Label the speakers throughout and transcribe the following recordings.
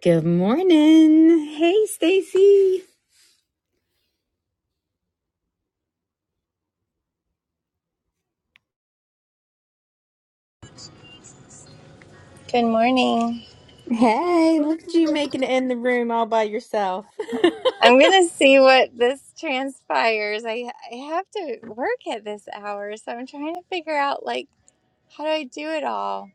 Speaker 1: Good morning. Hey, Stacy.
Speaker 2: Good morning.
Speaker 1: Hey, look at you making it all buff.
Speaker 2: I'm going to see what this transpires. I I have to work at this hour, so I'm trying to figure out like how do I do it all?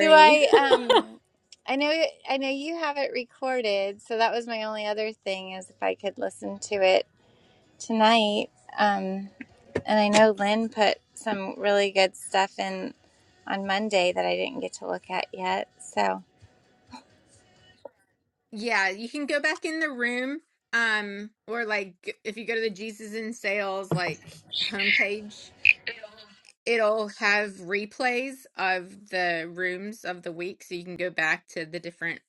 Speaker 2: Do I um I know I know you have it recorded, so that was my only other thing is if I could listen to it tonight. Um and I know Lynn put some really good stuff in on Monday that I didn't get to look at yet. So,
Speaker 1: Yeah, you can go back in the room. Um, or like g- if you go to the Jesus in Sales like homepage, it'll have replays of the rooms of the week, so you can go back to the different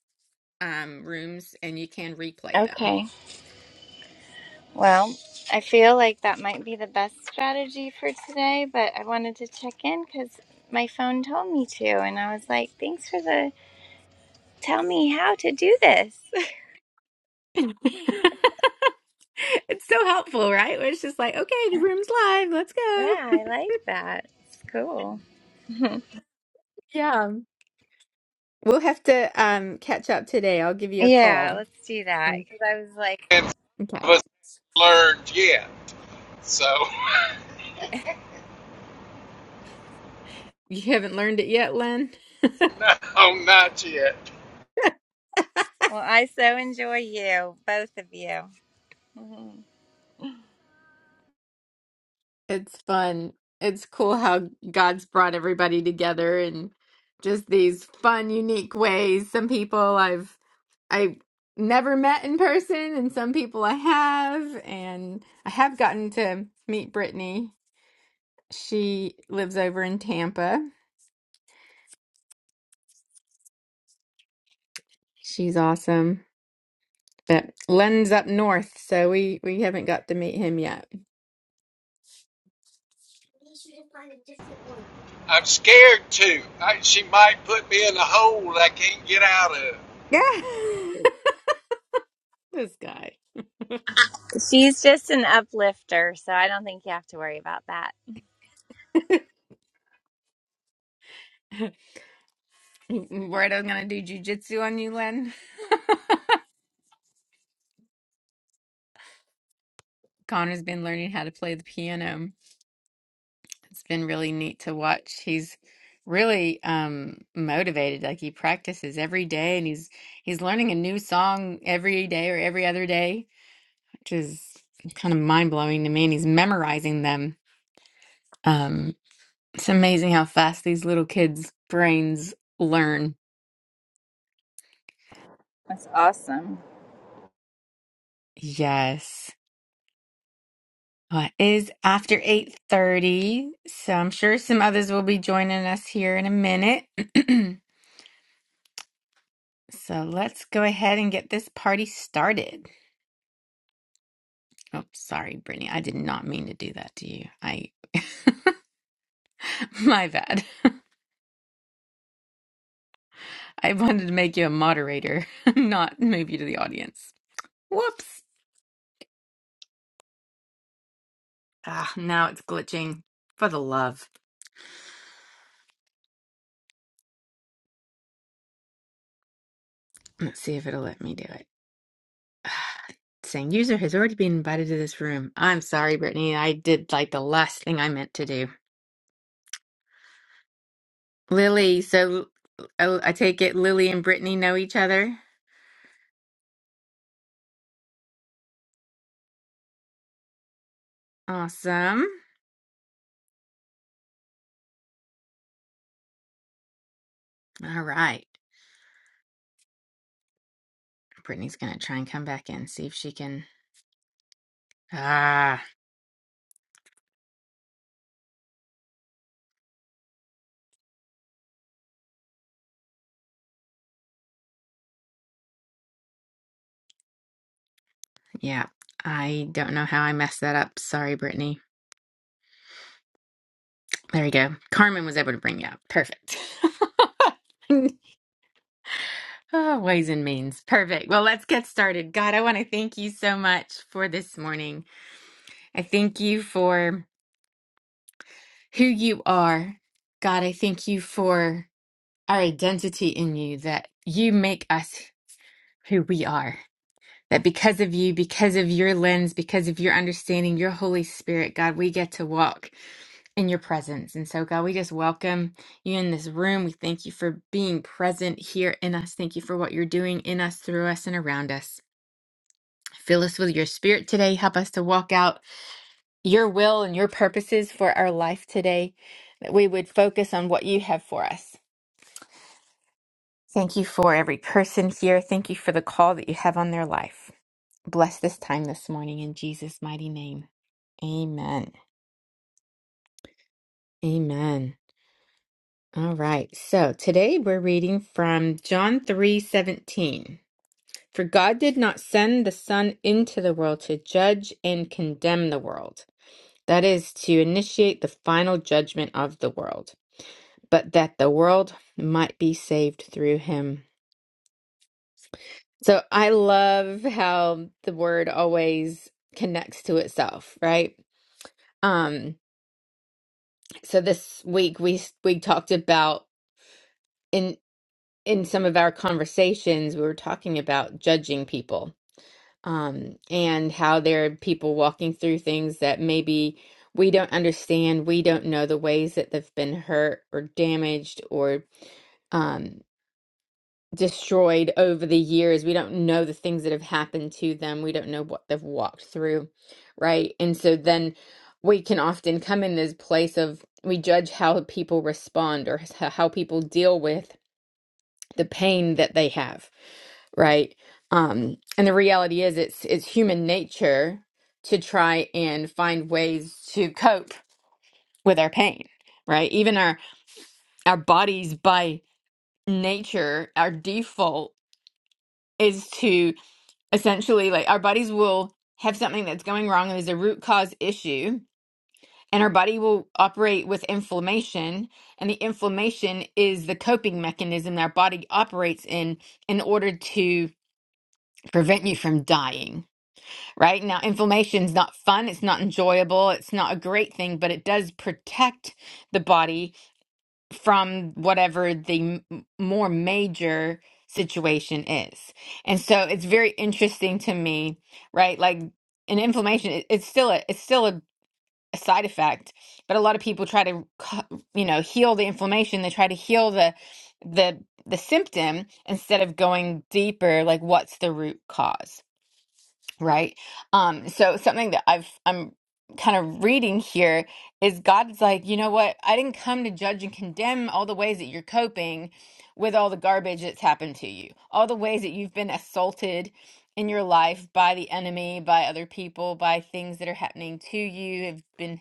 Speaker 1: um rooms and you can replay them.
Speaker 2: okay. Well, I feel like that might be the best strategy for today, but I wanted to check in because my phone told me to, and I was like, thanks for the tell me how to do this.
Speaker 1: it's so helpful, right? Where it's just like, okay, the room's live. Let's
Speaker 2: Yeah,
Speaker 1: go.
Speaker 2: I like that. It's cool.
Speaker 1: Yeah. We'll have to um catch up today. I'll give you a call.
Speaker 2: yeah, let's do that because I was like,
Speaker 3: and some
Speaker 1: Okay.
Speaker 3: of us learned yet. So,
Speaker 1: You haven't learned it yet, Len?
Speaker 3: no, not yet.
Speaker 2: well, I so enjoy you, both of you.
Speaker 1: It's fun. It's cool how God's brought everybody together in just these fun, unique ways. Some people I've I never met in person, and some people I have, and I have gotten to meet Brittany. She lives over in Tampa. She's awesome. But Len's up north, so we we haven't got to meet him yet.
Speaker 3: I'm scared too. I, she might put me in a hole I can't get out of.
Speaker 1: Yeah. this guy.
Speaker 2: She's just an uplifter, so I don't think you have to worry about that.
Speaker 1: Right, I was gonna do jujitsu on you, Len. Connor's been learning how to play the piano. It's been really neat to watch. He's really um motivated. Like he practices every day and he's he's learning a new song every day or every other day, which is kind of mind blowing to me. And he's memorizing them. Um it's amazing how fast these little kids' brains learn.
Speaker 2: That's awesome.
Speaker 1: Yes. Well, it is after 8:30, so I'm sure some others will be joining us here in a minute. So let's go ahead and get this party started. Oh, sorry, Brittany. I did not mean to do that to you. I my bad. I wanted to make you a moderator, not move you to the audience. Whoops. Ah, now it's glitching. For the love. Let's see if it'll let me do it. Saying user has already been invited to this room. I'm sorry, Brittany. I did like the last thing I meant to do. Lily, so oh, I take it Lily and Brittany know each other. Awesome. All right. Brittany's going to try and come back in, see if she can. Ah, yeah. I don't know how I messed that up. Sorry, Brittany. There you go. Carmen was able to bring you up. Perfect. oh, ways and means. Perfect. Well, let's get started. God, I want to thank you so much for this morning. I thank you for who you are. God, I thank you for. our identity in you, that you make us who we are. That because of you, because of your lens, because of your understanding, your Holy Spirit, God, we get to walk in your presence. And so, God, we just welcome you in this room. We thank you for being present here in us. Thank you for what you're doing in us, through us, and around us. Fill us with your spirit today. Help us to walk out your will and your purposes for our life today, that we would focus on what you have for us Thank you for every person here. Thank you for the call that you have on their life. Bless this time this morning in Jesus' mighty name. Amen. Amen. All right. So today we're reading from John 3:17. For God did not send the Son into the world to judge and condemn the world. That is to initiate the final judgment of the world, but that the world might be saved through him. So I love how the word always connects to itself, right? Um, so this week we we talked about in in some of our conversations we were talking about judging people, um, and how there are people walking through things that maybe we don't understand, we don't know the ways that they've been hurt or damaged or um. destroyed over the years. We don't know the things that have happened to them. We don't know what they've walked through, right? And so then we can often come in this place of we judge how people respond or h- how people deal with the pain that they have, right? Um, and the reality is, it's it's human nature to try and find ways to cope with our pain, right? Even our our bodies by nature, our default is to essentially like our bodies will have something that's going wrong and there's a root cause issue and our body will operate with inflammation and the inflammation is the coping mechanism that our body operates in in order to prevent you from dying right now inflammation's not fun it's not enjoyable it's not a great thing but it does protect the body from whatever the m- more major situation is. And so it's very interesting to me, right? Like an inflammation, it- it's still a it's still a, a side effect, but a lot of people try to cu- you know heal the inflammation. They try to heal the the the symptom instead of going deeper, like what's the root cause right? Um, so something that I've I'm kind of reading here is God's like, you know what? I didn't come to judge and condemn all the ways that you're coping with all the garbage that's happened to you, all the ways that you've been assaulted in your life by the enemy, by other people, by things that are happening to you, have been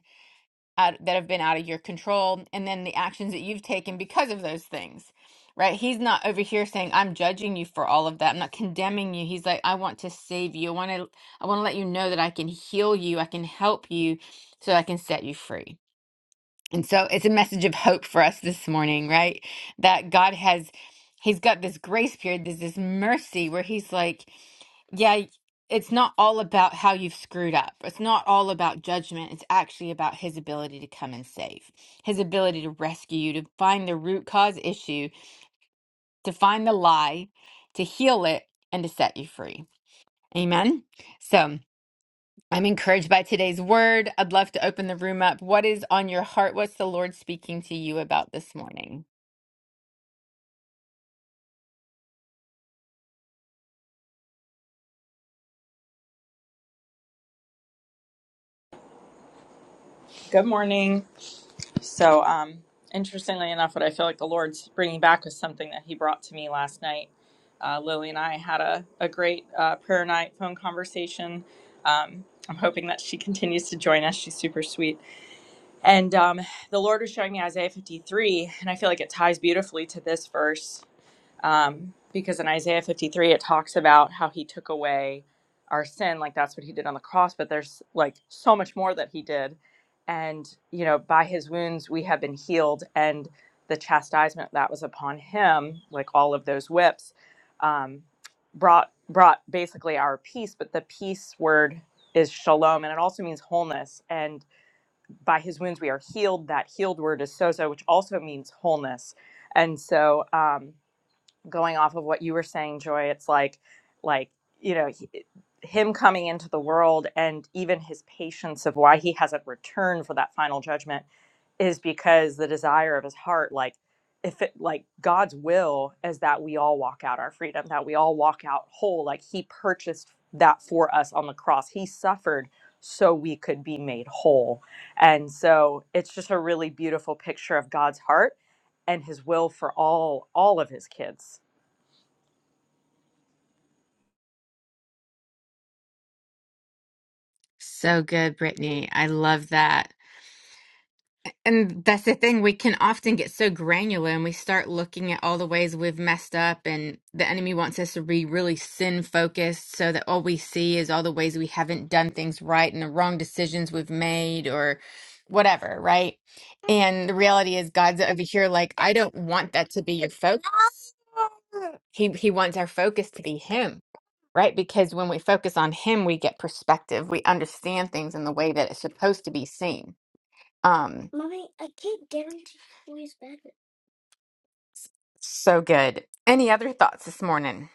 Speaker 1: out, that have been out of your control and then the actions that you've taken because of those things right he's not over here saying i'm judging you for all of that i'm not condemning you he's like i want to save you i want to i want to let you know that i can heal you i can help you so i can set you free and so it's a message of hope for us this morning, right? That God has, He's got this grace period, there's this mercy where He's like, yeah, it's not all about how you've screwed up. It's not all about judgment. It's actually about His ability to come and save, His ability to rescue you, to find the root cause issue, to find the lie, to heal it, and to set you free. Amen. So. I'm encouraged by today's word. I'd love to open the room up. What is on your heart? What's the Lord speaking to you about this morning?
Speaker 4: Good morning. So, um, interestingly enough, what I feel like the Lord's bringing back was something that He brought to me last night. Uh, Lily and I had a, a great uh, prayer night phone conversation. Um, I'm hoping that she continues to join us. She's super sweet. And um, the Lord was showing me Isaiah 53, and I feel like it ties beautifully to this verse um, because in Isaiah 53 it talks about how he took away our sin, like that's what he did on the cross. But there's like so much more that he did, and you know, by his wounds we have been healed, and the chastisement that was upon him, like all of those whips, um, brought brought basically our peace. But the peace word is shalom, and it also means wholeness. And by his wounds we are healed. That healed word is sozo, which also means wholeness. And so, um, going off of what you were saying joy it's like like you know he- him coming into the world and even his patience of why he hasn't returned for that final judgment is because the desire of his heart like if it like god's will is that we all walk out our freedom that we all walk out whole like he purchased that for us on the cross he suffered so we could be made whole and so it's just a really beautiful picture of god's heart and his will for all all of his kids
Speaker 1: So good, Brittany. I love that. And that's the thing, we can often get so granular and we start looking at all the ways we've messed up, and the enemy wants us to be really sin focused so that all we see is all the ways we haven't done things right and the wrong decisions we've made or whatever, right? And the reality is, God's over here, like, I don't want that to be your focus. He, he wants our focus to be Him, right? Because when we focus on Him, we get perspective, we understand things in the way that it's supposed to be seen um, Mommy, I can't get into Chloe's bed. so good. Any other thoughts this morning?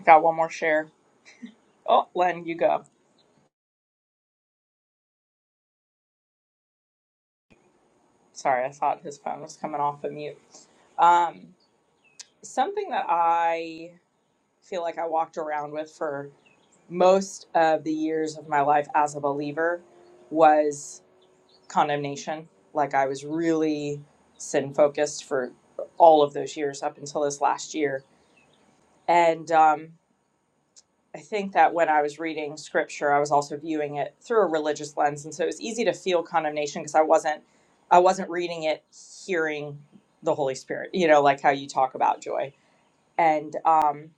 Speaker 4: I got one more share. Oh, Len, you go. Sorry, I thought his phone was coming off of mute. Um, something that I feel like I walked around with for most of the years of my life as a believer was condemnation. Like I was really sin focused for all of those years up until this last year. And um, I think that when I was reading scripture, I was also viewing it through a religious lens, and so it was easy to feel condemnation because I wasn't I wasn't reading it hearing the Holy Spirit, you know, like how you talk about joy. And um,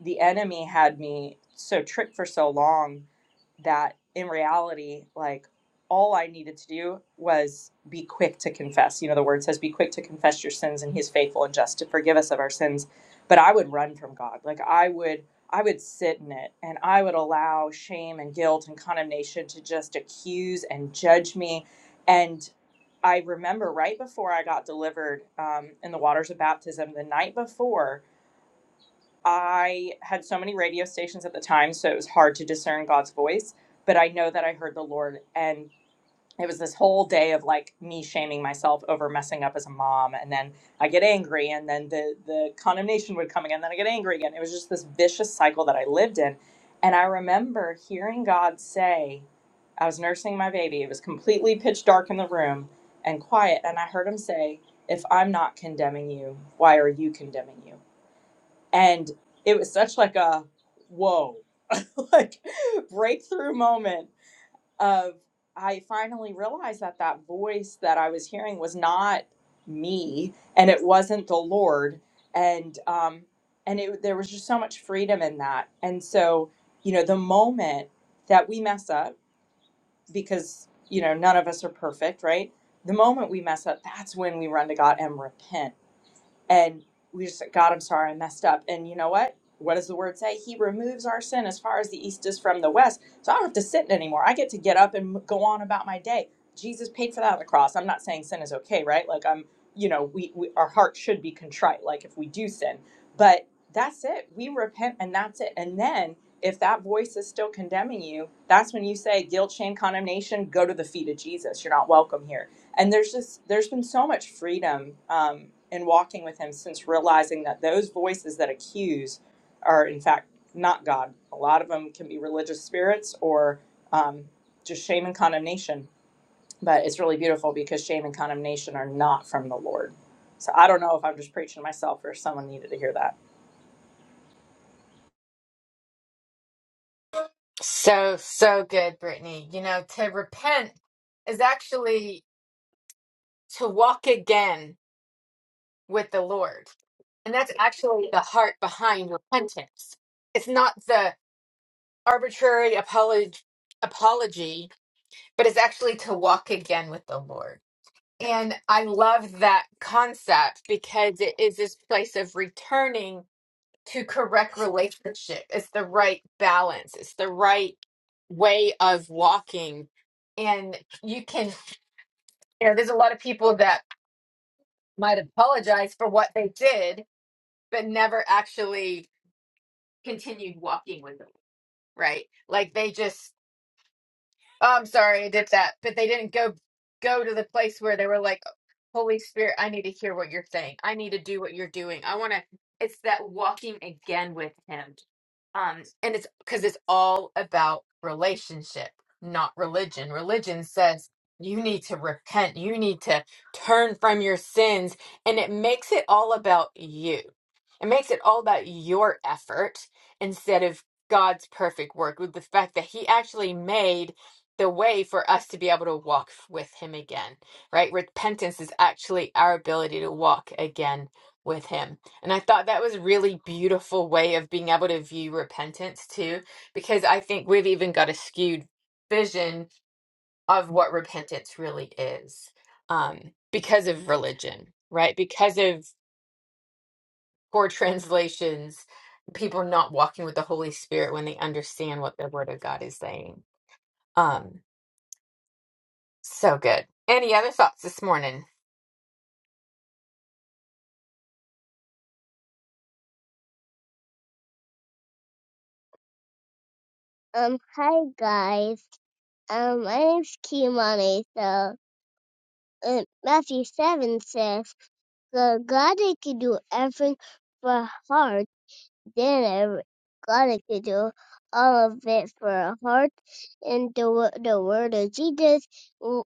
Speaker 4: the enemy had me so tricked for so long that in reality, like all I needed to do was be quick to confess. You know, the word says, be quick to confess your sins, and he's faithful and just to forgive us of our sins. But I would run from God. Like I would, I would sit in it and I would allow shame and guilt and condemnation to just accuse and judge me. And I remember right before I got delivered um, in the waters of baptism, the night before, I had so many radio stations at the time, so it was hard to discern God's voice. But I know that I heard the Lord, and it was this whole day of like me shaming myself over messing up as a mom, and then I get angry, and then the the condemnation would come again, then I get angry again. It was just this vicious cycle that I lived in, and I remember hearing God say, "I was nursing my baby. It was completely pitch dark in the room and quiet, and I heard Him say." If I'm not condemning you, why are you condemning you? and it was such like a whoa like breakthrough moment of i finally realized that that voice that i was hearing was not me and it wasn't the lord and um and it there was just so much freedom in that and so you know the moment that we mess up because you know none of us are perfect right the moment we mess up that's when we run to god and repent and we just said, God, I'm sorry, I messed up. And you know what? What does the word say? He removes our sin as far as the east is from the west. So I don't have to sit anymore. I get to get up and go on about my day. Jesus paid for that on the cross. I'm not saying sin is okay, right? Like I'm, you know, we, we our heart should be contrite, like if we do sin, but that's it. We repent and that's it. And then if that voice is still condemning you, that's when you say guilt, shame, condemnation, go to the feet of Jesus. You're not welcome here and there's just there's been so much freedom um, in walking with him since realizing that those voices that accuse are in fact not god a lot of them can be religious spirits or um, just shame and condemnation but it's really beautiful because shame and condemnation are not from the lord so i don't know if i'm just preaching to myself or if someone needed to hear that
Speaker 1: So, so good, Brittany. You know, to repent is actually to walk again with the Lord. And that's actually the heart behind repentance. It's not the arbitrary apology, apology, but it's actually to walk again with the Lord. And I love that concept because it is this place of returning to correct relationship. It's the right balance. It's the right way of walking. And you can, you know, there's a lot of people that might apologize for what they did, but never actually continued walking with them, right? Like they just Oh, I'm sorry, I did that, but they didn't go go to the place where they were like, "Holy Spirit, I need to hear what you're saying. I need to do what you're doing. I want to." It's that walking again with Him, um, and it's because it's all about relationship, not religion. Religion says you need to repent, you need to turn from your sins, and it makes it all about you. It makes it all about your effort instead of God's perfect work. With the fact that He actually made the way for us to be able to walk f- with him again, right? Repentance is actually our ability to walk again with him. And I thought that was a really beautiful way of being able to view repentance too, because I think we've even got a skewed vision of what repentance really is um, because of religion, right? Because of poor translations, people not walking with the Holy Spirit when they understand what the Word of God is saying. Um, So good. Any other thoughts this morning?
Speaker 5: Um, hi guys. Um, my name's Kimani. So, um, Matthew 7 says, the God that can do everything for heart, then every, God that can do all of it for a heart. And the, wo- the word of Jesus, w-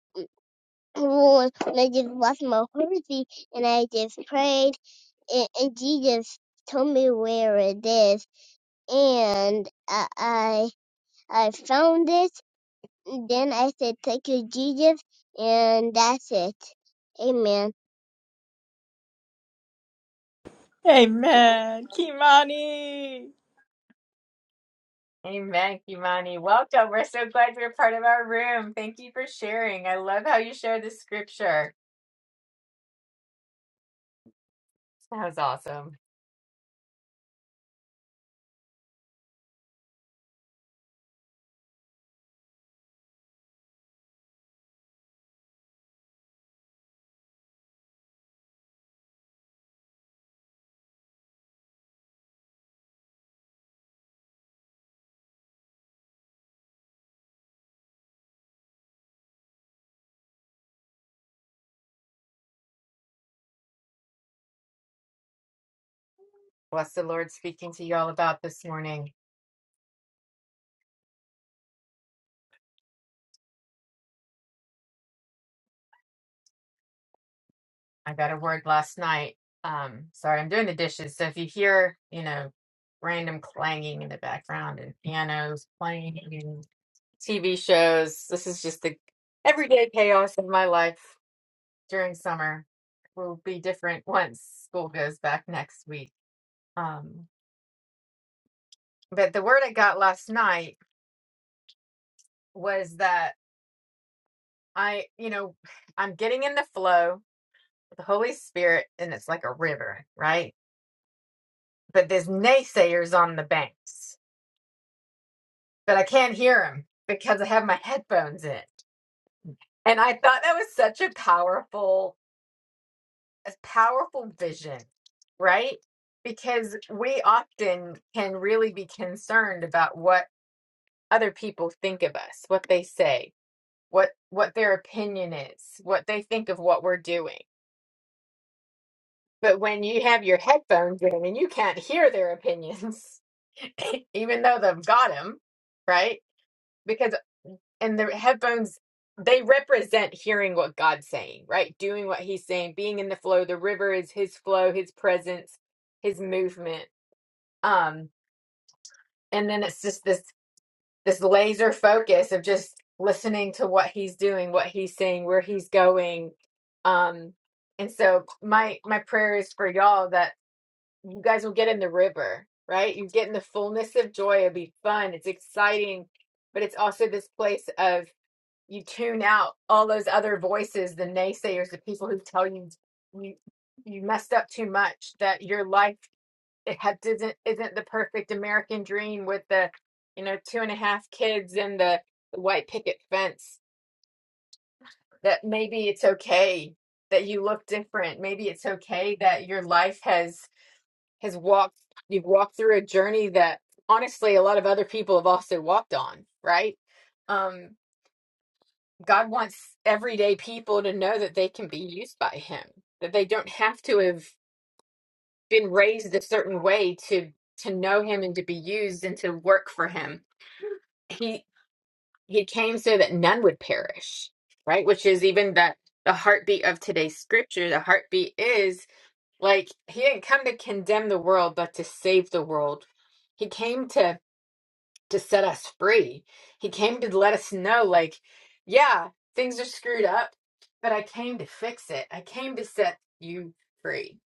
Speaker 5: when I just lost my horsey and I just prayed, and, and Jesus told me where it is, and I I, I found it, Then I said, Thank you, Jesus, and that's it. Amen.
Speaker 4: Amen.
Speaker 6: Amen.
Speaker 4: Kimani.
Speaker 1: Amen, Kimani. Welcome. We're so glad you're part of our room. Thank you for sharing. I love how you share the scripture. That was awesome. What's the Lord speaking to you all about this morning. I got a word last night. Um, sorry, I'm doing the dishes. So if you hear, you know, random clanging in the background and pianos playing and TV shows, this is just the everyday chaos of my life. during summer will be different once school goes back next week. Um, but the word I got last night was that I, you know, I'm getting in the flow with the Holy Spirit and it's like a river, right? But there's naysayers on the banks, but I can't hear them because I have my headphones in. And I thought that was such a powerful, a powerful vision, right? Because we often can really be concerned about what other people think of us, what they say, what what their opinion is, what they think of what we're doing. But when you have your headphones in and you can't hear their opinions, even though they've got them, right? Because and the headphones they represent hearing what God's saying, right? Doing what he's saying, being in the flow. The river is his flow, his presence, his movement. Um and then it's just this this laser focus of just listening to what he's doing, what he's saying, where he's going. Um, and so my my prayer is for y'all that you guys will get in the river, right? You get in the fullness of joy. It'll be fun. It's exciting, but it's also this place of you tune out all those other voices, the naysayers, the people who tell you you you messed up too much, that your life it ha- doesn't isn't the perfect American dream with the you know two and a half kids and the, the white picket fence that maybe it's okay that you look different maybe it's okay that your life has has walked you've walked through a journey that honestly a lot of other people have also walked on right um God wants everyday people to know that they can be used by him that they don't have to have been raised a certain way to to know him and to be used and to work for him he he came so that none would perish right which is even the the heartbeat of today's scripture the heartbeat is like he didn't come to condemn the world but to save the world he came to to set us free he came to let us know like yeah things are screwed up but i came to fix it i came to set you free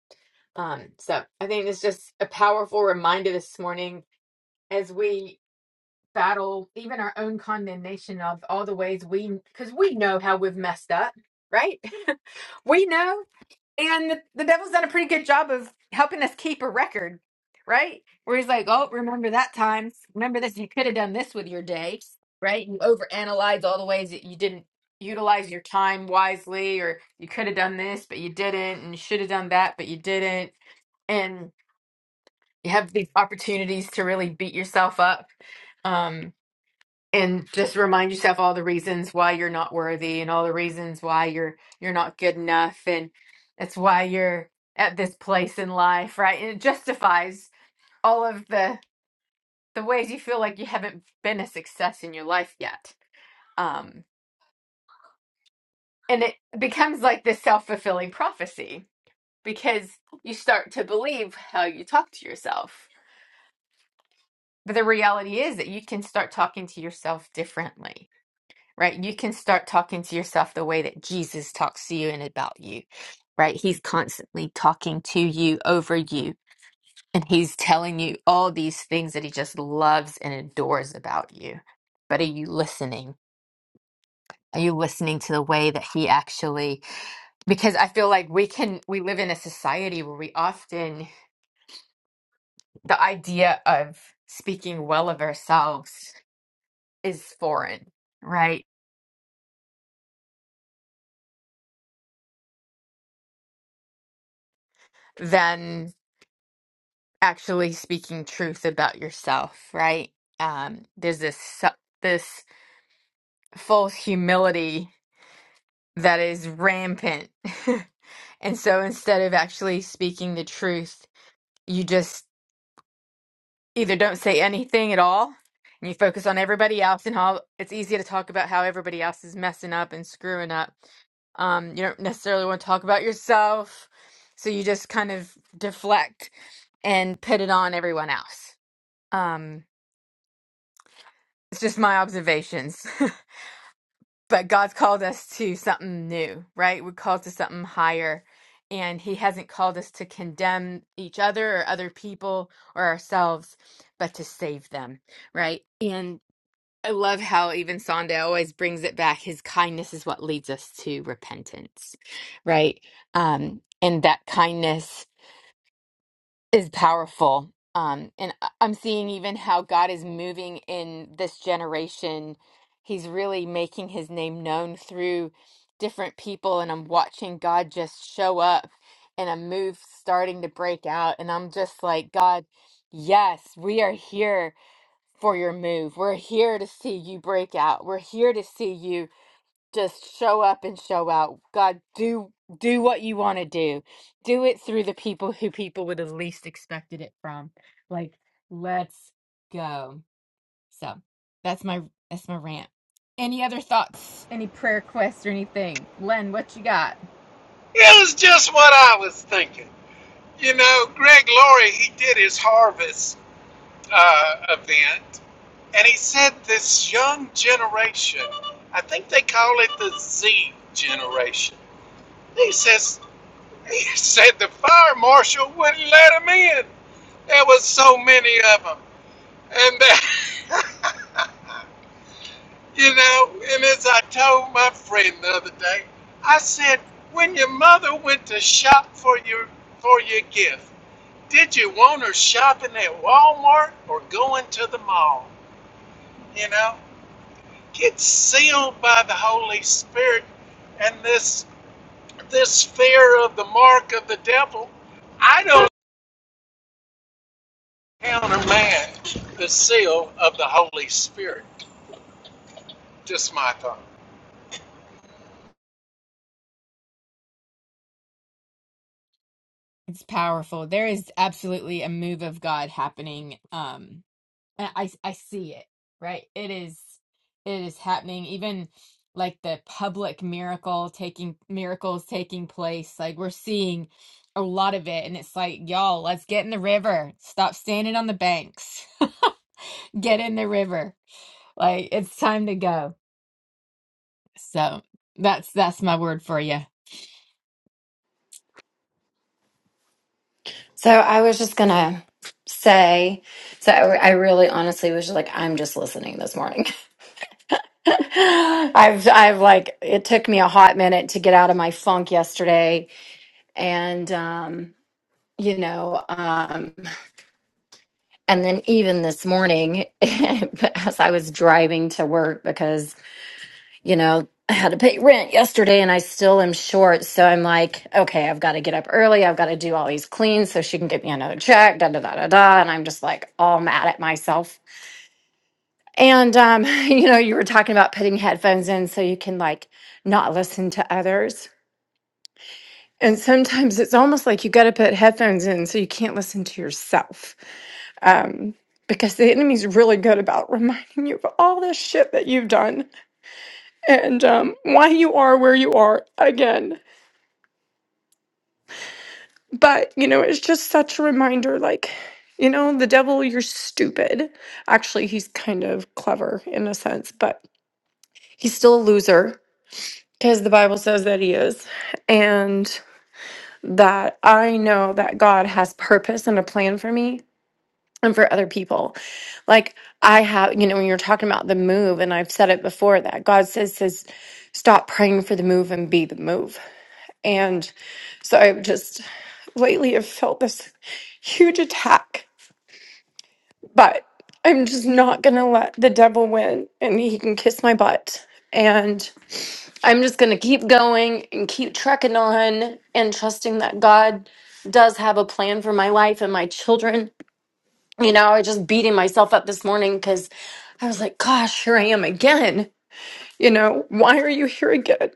Speaker 1: um so i think it's just a powerful reminder this morning as we battle even our own condemnation of all the ways we because we know how we've messed up right we know and the, the devil's done a pretty good job of helping us keep a record right where he's like oh remember that time remember this you could have done this with your day right you overanalyze all the ways that you didn't utilize your time wisely or you could have done this but you didn't and you should have done that but you didn't and you have these opportunities to really beat yourself up um, and just remind yourself all the reasons why you're not worthy and all the reasons why you're you're not good enough and that's why you're at this place in life right and it justifies all of the the ways you feel like you haven't been a success in your life yet um and it becomes like this self-fulfilling prophecy because you start to believe how you talk to yourself but the reality is that you can start talking to yourself differently right? You can start talking to yourself the way that Jesus talks to you and about you, right? He's constantly talking to you over you, and he's telling you all these things that he just loves and adores about you. But are you listening? Are you listening to the way that he actually because I feel like we can we live in a society where we often the idea of speaking well of ourselves is foreign, right? Than actually speaking truth about yourself, right? Um, there's this su- this false humility that is rampant, and so instead of actually speaking the truth, you just either don't say anything at all, and you focus on everybody else and how it's easy to talk about how everybody else is messing up and screwing up. Um, you don't necessarily want to talk about yourself, so you just kind of deflect and put it on everyone else. Um, It's just my observations. but God's called us to something new, right? We're called to something higher. And He hasn't called us to condemn each other or other people or ourselves, but to save them, right? And I love how even Sonda always brings it back. His kindness is what leads us to repentance, right? Um, and that kindness is powerful. Um, and I- I'm seeing even how God is moving in this generation. He's really making his name known through different people. And I'm watching God just show up and a move starting to break out. And I'm just like, God, yes, we are here for your move. We're here to see you break out. We're here to see you just show up and show out. God, do do what you want to do. Do it through the people who people would have least expected it from. Like, let's go. So that's my that's my rant. Any other thoughts? Any prayer requests or anything? Len, what you got?
Speaker 3: It was just what I was thinking. You know, Greg Laurie, he did his harvest uh, event, and he said this young generation, I think they call it the Z generation. He says, he said the fire marshal wouldn't let him in. There was so many of them. And that, you know, and as I told my friend the other day, I said, when your mother went to shop for your for your gift, did you want her shopping at Walmart or going to the mall? You know, it's sealed by the Holy Spirit, and this this fear of the mark of the devil. I don't countermand the seal of the Holy Spirit. Just my thought.
Speaker 1: It's powerful. There is absolutely a move of God happening. Um I I I see it, right? It is it is happening. Even like the public miracle taking miracles taking place. Like we're seeing a lot of it and it's like, y'all, let's get in the river. Stop standing on the banks. Get in the river. Like it's time to go. So that's that's my word for you.
Speaker 7: So I was just gonna say, so I, I really honestly was just like, I'm just listening this morning. I've I've like it took me a hot minute to get out of my funk yesterday, and um, you know, um, and then even this morning as I was driving to work because you know, I had to pay rent yesterday and I still am short. So I'm like, okay, I've got to get up early. I've got to do all these cleans so she can get me another check, da da da da da. And I'm just like all mad at myself. And, um, you know, you were talking about putting headphones in so you can like not listen to others. And sometimes it's almost like you got to put headphones in so you can't listen to yourself. Um, because the enemy's really good about reminding you of all this shit that you've done and um, why you are where you are again but you know it's just such a reminder like you know the devil you're stupid actually he's kind of clever in a sense but he's still a loser because the bible says that he is and that i know that god has purpose and a plan for me and for other people like i have you know when you're talking about the move and i've said it before that god says says stop praying for the move and be the move and so i've just lately have felt this huge attack But I'm just not going to let the devil win and he can kiss my butt. And I'm just going to keep going and keep trekking on and trusting that God does have a plan for my life and my children. You know, I was just beating myself up this morning because I was like, gosh, here I am again. You know, why are you here again?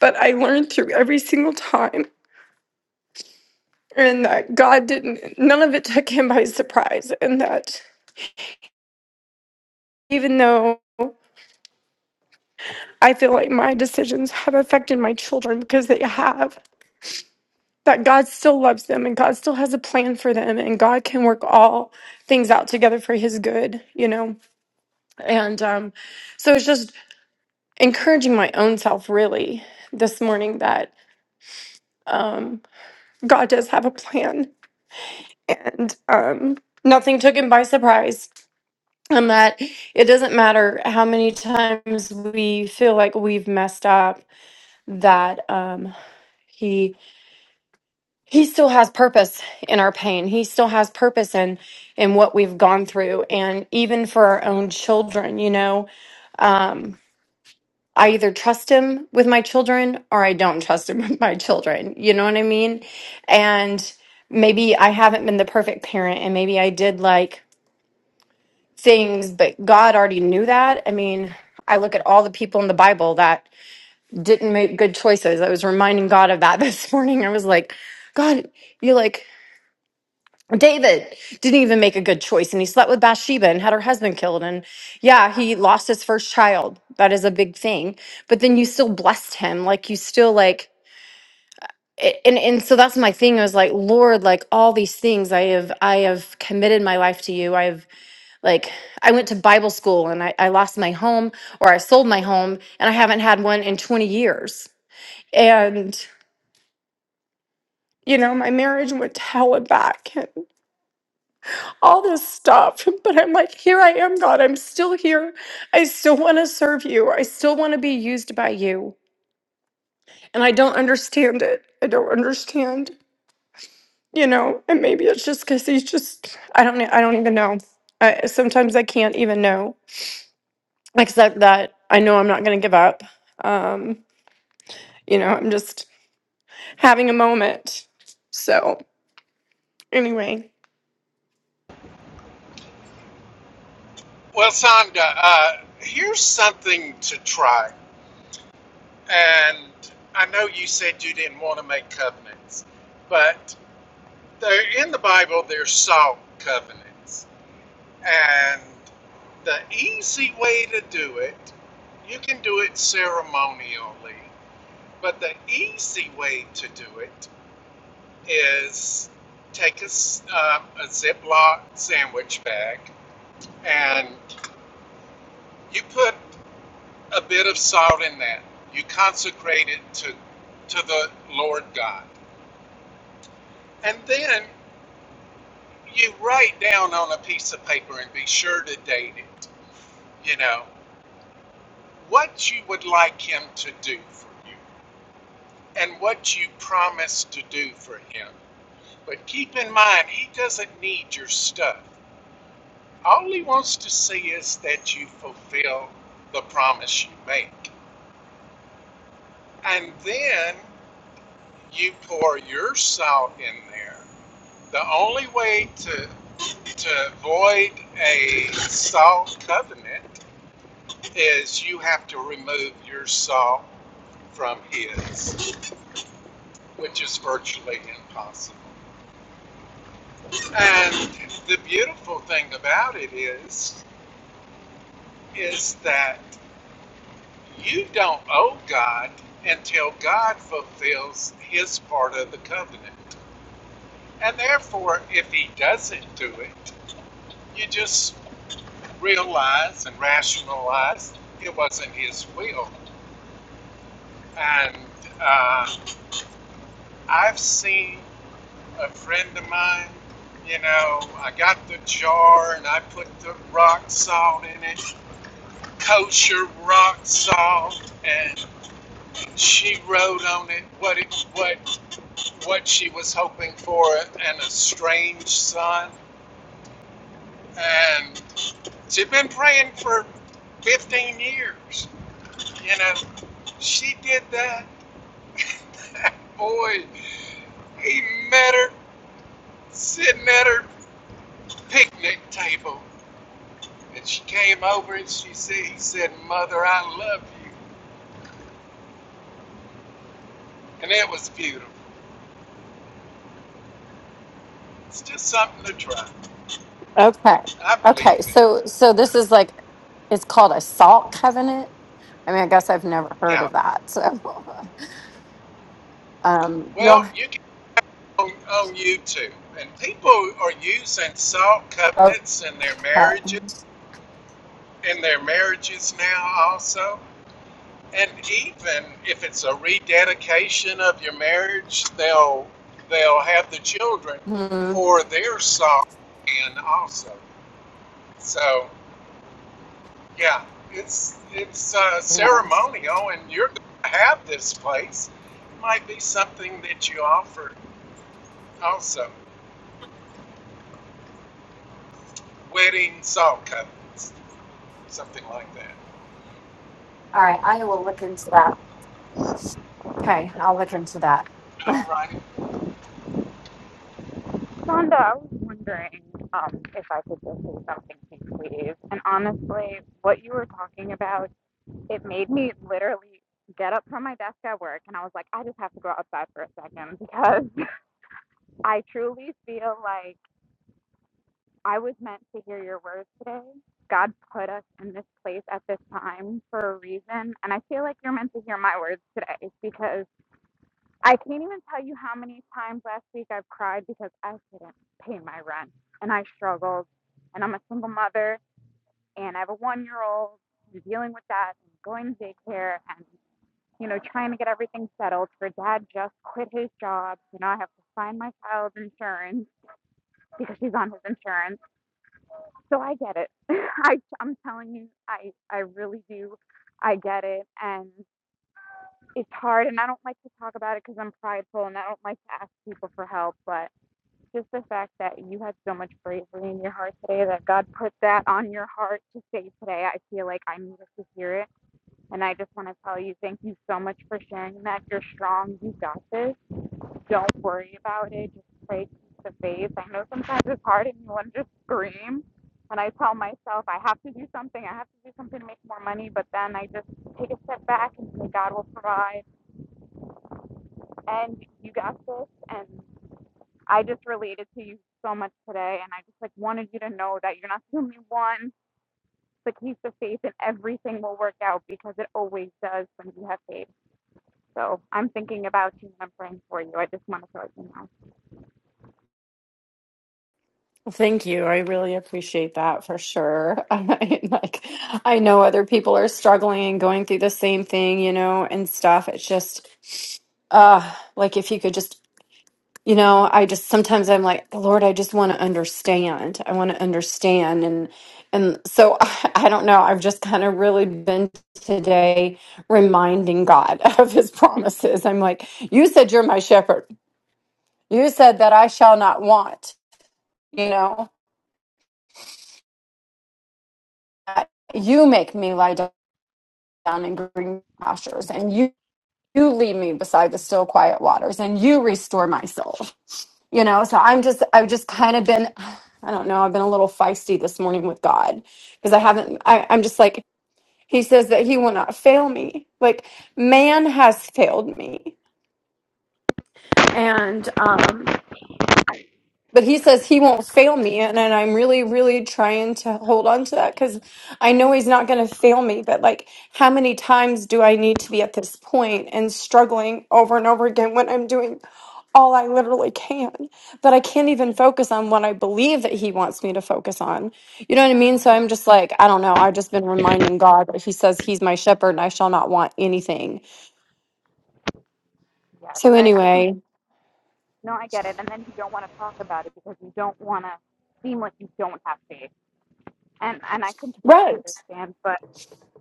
Speaker 7: But I learned through every single time and that God didn't, none of it took him by surprise. And that even though I feel like my decisions have affected my children because they have. That God still loves them and God still has a plan for them and God can work all things out together for his good, you know? And um, so it's just encouraging my own self really this morning that um, God does have a plan and um, nothing took him by surprise. And that it doesn't matter how many times we feel like we've messed up, that um, he he still has purpose in our pain. He still has purpose in in what we've gone through, and even for our own children. You know, um, I either trust him with my children or I don't trust him with my children. You know what I mean? And maybe I haven't been the perfect parent, and maybe I did like things, but God already knew that. I mean. I look at all the people in the Bible that didn't make good choices. I was reminding God of that this morning. I was like, God, you like David didn't even make a good choice and he slept with Bathsheba and had her husband killed. And yeah, he lost his first child. That is a big thing. But then you still blessed him. Like you still like a- and and so that's my thing. I was like, Lord, like all these things I have I have committed my life to you. I have like I went to Bible school and I, I lost my home or I sold my home and I haven't had one in 20 years. And you know, my marriage went to hell and back. all this stuff. But I'm like, here I am, God. I'm still here. I still want to serve you. I still want to be used by you. And I don't understand it. I don't understand, you know. And maybe it's just because he's just, I don't know. I don't even know. I, sometimes I can't even know, except that I know I'm not going to give up. Um, you know, I'm just having a moment. So, anyway.
Speaker 3: Well, Sandra, uh, here's something to try. And I know you said you didn't want to make covenants, but there, in the Bible, there's salt covenants. And the easy way to do it, you can do it ceremonially, but the easy way to do it is take a, s- um, a Ziploc sandwich bag and you put a bit of salt in that. You consecrate it to, to the Lord God. And then you write down on a piece of paper and be sure to date it, you know, what you would like Him to do for you and what you promise to do for Him. But keep in mind, He doesn't need your stuff. All He wants to see is that you fulfill the promise you make. And then you pour your salt in there The only way to to avoid a salt covenant is you have to remove your salt from his, which is virtually impossible. And the beautiful thing about it is is that you don't owe God until God fulfills his part of the covenant. And therefore, if he doesn't do it, you just realize and rationalize it wasn't his will. And uh, I've seen a friend of mine, you know, I got the jar and I put the rock salt in it, kosher rock salt, and she wrote on it what it what what she was hoping for and a strange son. And she'd been praying for 15 years, you know. She did that Boy, he met her sitting at her picnic table. And she came over and she said, he said, Mother, I love you. And it was beautiful. It's just something to try.
Speaker 7: Okay.
Speaker 3: I believe
Speaker 7: Okay.
Speaker 3: it.
Speaker 7: So so this is like it's called a salt covenant. I mean, I guess I've never heard
Speaker 3: Yeah.
Speaker 7: of that. So, um, you'll,
Speaker 3: Well, you can on, on YouTube. And people are using salt
Speaker 7: oh,
Speaker 3: covenants in their marriages in their marriages now also. and even if it's a rededication of your marriage, they'll they'll have the children
Speaker 7: hmm,
Speaker 3: for their song and also. So yeah, it's it's uh,
Speaker 7: yes.
Speaker 3: ceremonial, and you're going to have this place. It might be something that you offer also, wedding salt covenants, something like that.
Speaker 7: All right. I, okay.
Speaker 3: All righty.
Speaker 8: Sonda, I was wondering um, if I could just say something to you, please. And honestly, what you were talking about, it made me literally get up from my desk at work and I was like, I just have to go outside for a second because I truly feel like I was meant to hear your words today. God put us in this place at this time for a reason. And I feel like you're meant to hear my words today because I can't even tell you how many times last week I've cried because I couldn't pay my rent and I struggled. And I'm a single mother and I have a one year old and dealing with that and going to daycare and, you know, trying to get everything settled for dad just quit his job. You know, I have to find my child's insurance because she's on his insurance. So I get it. I, I'm telling you, I, I really do. I get it. And it's hard. And I don't like to talk about it because I'm prideful and I don't like to ask people for help. But just the fact that you had so much bravery in your heart today that God put that on your heart to say today. I feel like I needed to hear it. And I just want to tell you, thank you so much for sharing that. You're strong. You got this. Don't worry about it. Just pray, keep the faith. I know sometimes it's hard and you want to just scream. And I tell myself, I have to do something. I have to do something to make more money. But then I just take a step back and say, God will provide. And you got this. And I just related to you so much today, and I just like wanted you to know that you're not the only one. The keep the faith, and everything will work out because it always does when you have faith. So I'm thinking about you and I'm praying for you. I just want to let you know.
Speaker 7: Thank you. I really appreciate that for sure. I, like, I know other people are struggling and going through the same thing, you know, and stuff. It's just, uh, like if you could just You know, I just sometimes I'm like, Lord, I just want to understand. I want to understand. And and so I, I don't know. I've just kind of really been today reminding God of his promises. I'm like, you said you're my shepherd. You said that I shall not want, you know, that you make me lie down in green pastures and you you lead me beside the still quiet waters and you restore my soul. you know so i'm just i've just kind of been i don't know i've been a little feisty this morning with god because i haven't I, i'm just like he says that he will not fail me like man has failed me and um but he says he won't fail me and, and i'm really really trying to hold on to that because i know he's not going to fail me but like how many times do i need to be at this point and struggling over and over again when i'm doing all i literally can that i can't even focus on what i believe that he wants me to focus on you know what i mean so i'm just like i don't know i've just been reminding god that he says he's my shepherd and i shall not want anything
Speaker 8: Yes,
Speaker 7: so
Speaker 8: I, I com-
Speaker 7: anyway
Speaker 8: no, I get it. And then you don't want to talk about it because you don't want to seem like you don't have faith. And and I completely
Speaker 7: right
Speaker 8: understand. But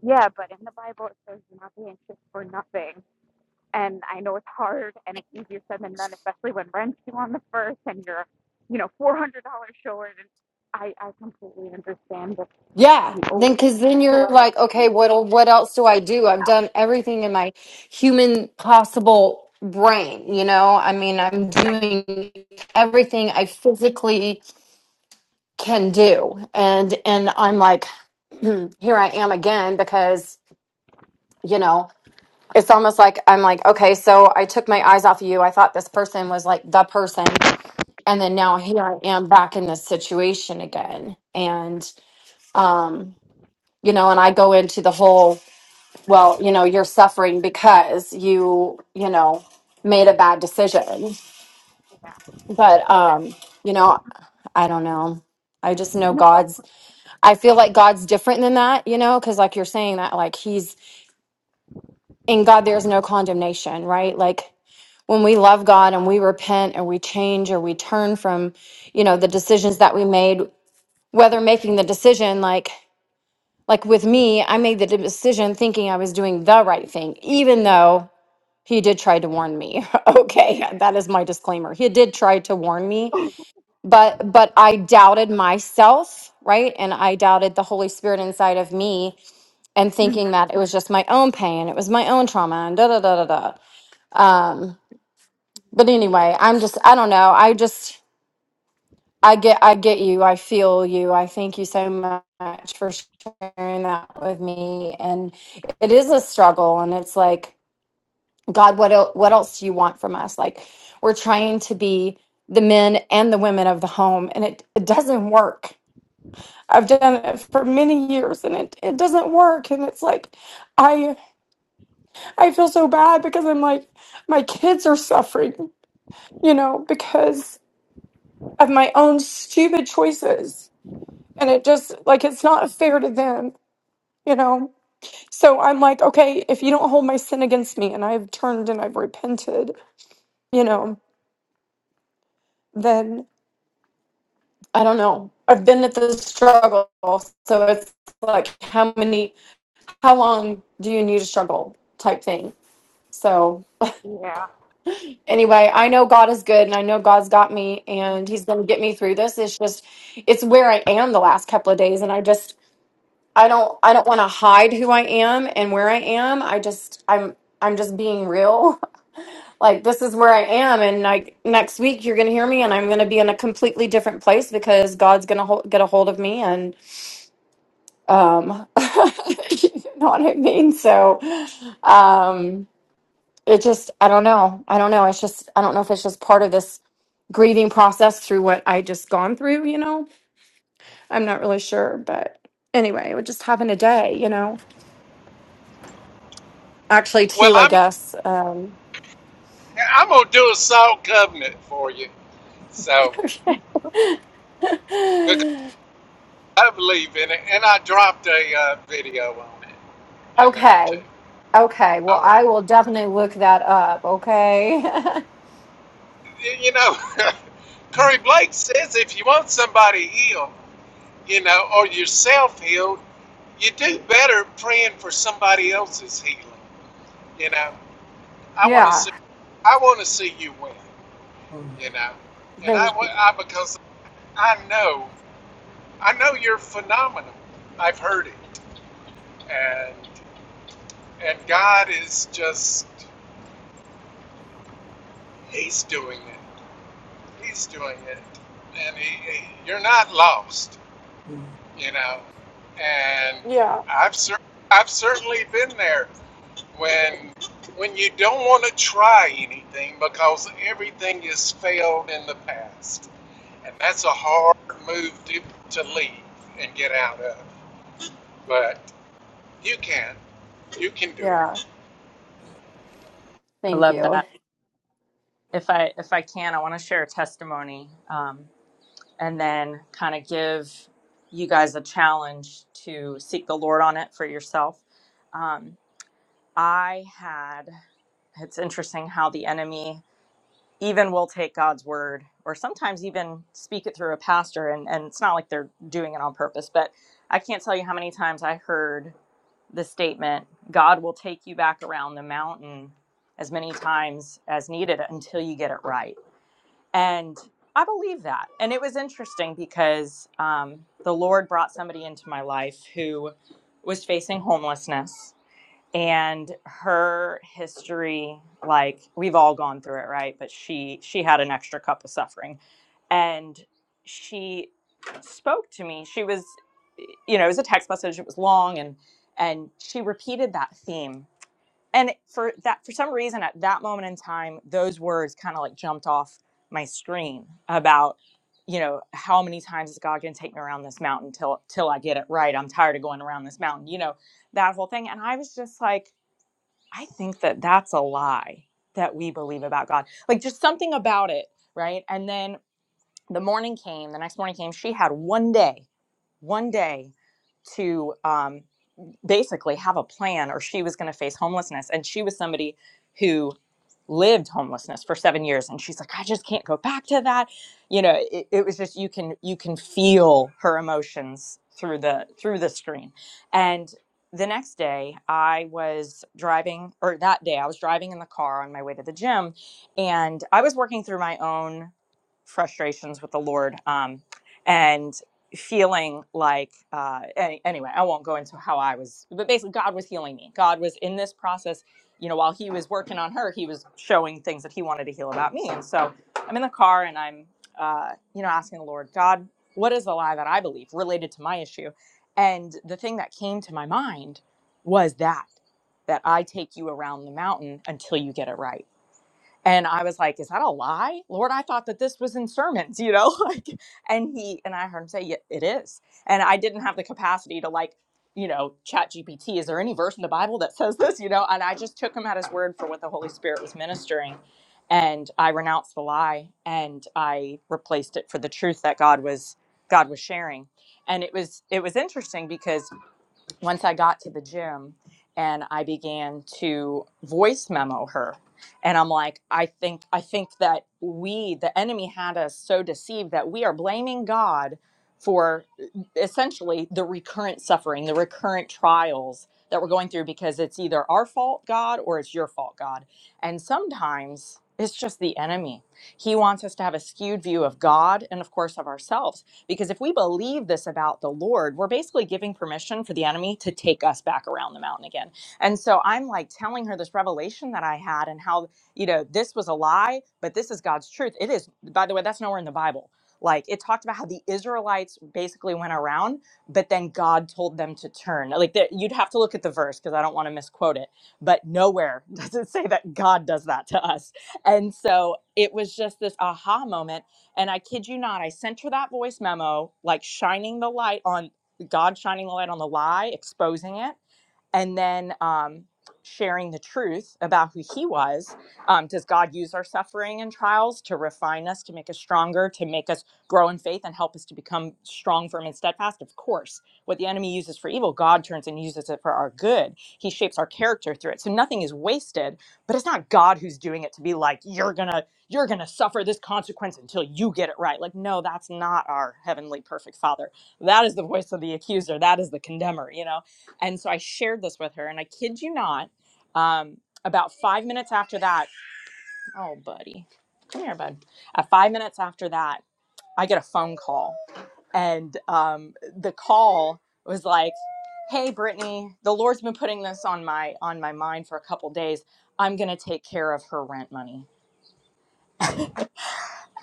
Speaker 8: yeah, but in the Bible it says do not be anxious for nothing. And I know it's hard and it's easier said than done, especially when rent's due on the first and you're, you know, four hundred dollars short. And I, I completely understand that
Speaker 7: Yeah,
Speaker 8: the
Speaker 7: then
Speaker 8: over.
Speaker 7: because then you're like, okay, what what else do I do? I've done everything in my human possible brain, you know? I mean, I'm doing everything I physically can do. And and I'm like, here I am again because, you know, it's almost like I'm like, okay, so I took my eyes off of you. I thought this person was like the person, and then now here I am back in this situation again. And um you know, and I go into the whole well, you know, you're suffering because you, you know, made a bad decision.
Speaker 8: Yeah. I,
Speaker 7: But
Speaker 8: I,
Speaker 7: um, you know, I don't know. I just know
Speaker 8: no, no.
Speaker 7: God's I feel like God's different than that, you know, cuz like you're saying that like he's in God there's no condemnation, right? Like when we love God and we repent and we change or we turn from, you know, the decisions that we made, whether making the decision like like with me, I made the decision thinking I was doing the right thing, even though He did try to warn me. Okay, that is my disclaimer. He did try to warn me, but but I doubted myself, right? And I doubted the Holy Spirit inside of me and
Speaker 8: Mhm.
Speaker 7: thinking that it was just my own pain, it was my own trauma and da da da da da. Um but anyway, I'm just I don't know. I just I get I get you. I feel you. I thank you so much for sharing that with me and it is a struggle and it's like God, what el- what else do you want from us? Like we're trying to be the men and the women of the home, and it, it doesn't work. I've done it for many years, and it, it doesn't work. And it's like I I feel so bad because I'm like my kids are suffering, you know, because of my own stupid choices, and it just like it's not fair to them. You know, so I'm like, okay, if you don't hold my sin against me and I've turned and I've repented, you know, then I don't know. I've been at this struggle, so it's like how many, how long do you need to struggle type thing. So
Speaker 8: Yeah.
Speaker 7: anyway, I know God is good, and I know God's got me, and He's going to get me through this. It's just, it's where I am the last couple of days, and I just, I don't, I don't want to hide who I am and where I am. I just, I'm, I'm just being real. Like this is where I am, and like next week you're going to hear me, and I'm going to be in a completely different place because God's going to get a hold of me, and. Um, you know what I mean? So, um, it just, I don't know. I don't know. It's just, I don't know if it's just part of this grieving process through what I just gone through, you know? I'm not really sure, but anyway, it would just happen a day, you know? Actually,
Speaker 3: Well,
Speaker 7: two, I
Speaker 3: I'm
Speaker 7: guess. Um,
Speaker 3: I'm gonna do a salt covenant for you. So. I believe in it, and I dropped a uh, video on it in there too.
Speaker 7: okay. Okay. Well,
Speaker 3: All right,
Speaker 7: I will definitely look that up. Okay.
Speaker 3: you know, Curry Blake says if you want somebody healed, you know, or yourself healed, you do better praying for somebody else's healing. You know, I want to
Speaker 7: yeah.
Speaker 3: see, I want to see you win.
Speaker 4: Mm,
Speaker 3: You know, and I, I because I know, I know you're phenomenal. I've heard it, and and God is just, He's doing it. He's doing it, and he, he- you're not lost,
Speaker 4: mm.
Speaker 3: you know. And
Speaker 7: Yeah.
Speaker 3: I've cer- I've certainly been there when when you don't want to try anything because everything has failed in the past, and that's a hard move to to leave and get out of. But you can, you can do
Speaker 7: Yeah.
Speaker 3: it.
Speaker 4: I
Speaker 7: Thank
Speaker 4: love that.
Speaker 7: you.
Speaker 4: if I if I can, I want to share a testimony, um, and then kind of give you guys a challenge to seek the Lord on it for yourself. Um, I had. It's interesting how the enemy even will take God's word, or sometimes even speak it through a pastor, and and it's not like they're doing it on purpose. But I can't tell you how many times I heard the statement, "God will take you back around the mountain." As many times as needed until you get it right and I believe that. And it was interesting because um, the Lord brought somebody into my life who was facing homelessness and her history like we've all gone through it right but she she had an extra cup of suffering and she spoke to me she was you know it was a text message it was long and and she repeated that theme and for that for some reason at that moment in time those words kind of like jumped off my screen about you know how many times is god going to take me around this mountain till till i get it right i'm tired of going around this mountain you know that whole thing and i was just like i think that that's a lie that we believe about god like just something about it right and then the morning came the next morning came she had one day one day to um basically have a plan or she was going to face homelessness and she was somebody who lived homelessness for seven years and she's like i just can't go back to that you know it, it was just you can you can feel her emotions through the through the screen and the next day i was driving or that day i was driving in the car on my way to the gym and i was working through my own frustrations with the lord um, and feeling like uh any, anyway i won't go into how i was but basically god was healing me god was in this process you know while he was working on her he was showing things that he wanted to heal about me and so i'm in the car and i'm uh you know asking the lord god what is the lie that i believe related to my issue and the thing that came to my mind was that that i take you around the mountain until you get it right and I was like, "Is that a lie, Lord? I thought that this was in sermons, you know." Like, and he and I heard him say, "Yeah, it is." And I didn't have the capacity to like, you know, Chat GPT. Is there any verse in the Bible that says this? You know, and I just took him at his word for what the Holy Spirit was ministering, and I renounced the lie and I replaced it for the truth that God was God was sharing. And it was it was interesting because once I got to the gym and I began to voice memo her and I'm like I think I think that we the enemy had us so deceived that we are blaming God for essentially the recurrent suffering the recurrent trials that we're going through because it's either our fault God or it's your fault God and sometimes it's just the enemy. He wants us to have a skewed view of God and, of course, of ourselves. Because if we believe this about the Lord, we're basically giving permission for the enemy to take us back around the mountain again. And so I'm like telling her this revelation that I had and how, you know, this was a lie, but this is God's truth. It is, by the way, that's nowhere in the Bible. Like it talked about how the Israelites basically went around, but then God told them to turn. Like that, you'd have to look at the verse because I don't want to misquote it. But nowhere does it say that God does that to us. And so it was just this aha moment and I kid you not, I sent her that voice memo, like shining the light on God, shining the light on the lie, exposing it and then um, sharing the truth about who he was. Um, does God use our suffering and trials to refine us, to make us stronger, to make us grow in faith and help us to become strong, firm, and steadfast? Of course. What the enemy uses for evil, God turns and uses it for our good. He shapes our character through it. So nothing is wasted, but it's not God who's doing it to be like, you're going to. You're going to suffer this consequence until you get it right. Like, no, that's not our heavenly perfect father. That is the voice of the accuser. That is the condemner, you know? And so I shared this with her, and I kid you not, um, about five minutes after that, oh, buddy, come here, bud. Uh, five minutes after that, I get a phone call, and um, the call was like, "Hey, Brittany, the Lord's been putting this on my on my mind for a couple days. I'm gonna take care of her rent money."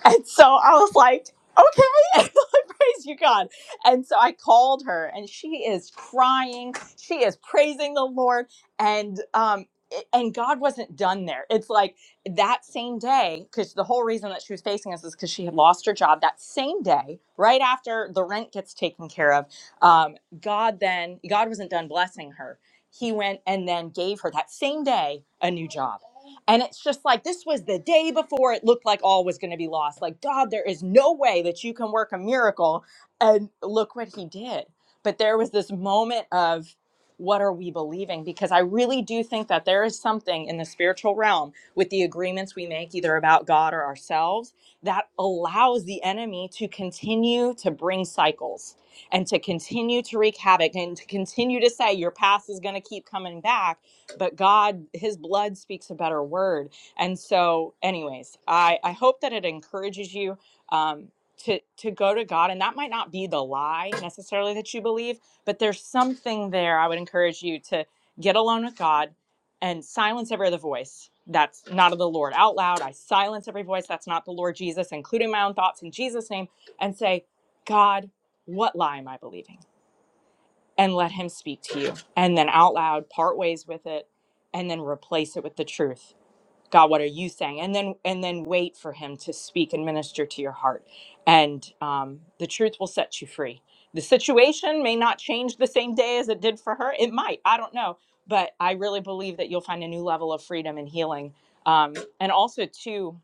Speaker 4: And so I was like, okay, praise you, God. And so I called her, and she is crying. She is praising the Lord, and um, it- and God wasn't done there. It's like that same day, because the whole reason that she was facing us is because she had lost her job. That same day, right after the rent gets taken care of, um, God then God wasn't done blessing her. He went and then gave her that same day a new job and it's just like this was the day before it looked like all was going to be lost. Like, God, there is no way that you can work a miracle. And look what he did. But there was this moment of what are we believing? Because I really do think that there is something in the spiritual realm with the agreements we make, either about God or ourselves, that allows the enemy to continue to bring cycles and to continue to wreak havoc and to continue to say your past is going to keep coming back but God, His blood speaks a better word. And so, anyways, I, I hope that it encourages you um, to to go to God. And that might not be the lie necessarily that you believe, but there's something there. I would encourage you to get alone with God and silence every other voice that's not of the Lord out loud. I silence every voice that's not the Lord Jesus, including my own thoughts in Jesus' name, and say, God, what lie am I believing? and let him speak to you and then out loud part ways with it and then replace it with the truth god what are you saying and then and then wait for him to speak and minister to your heart and um, the truth will set you free the situation may not change the same day as it did for her it might i don't know but i really believe that you'll find a new level of freedom and healing um, and also too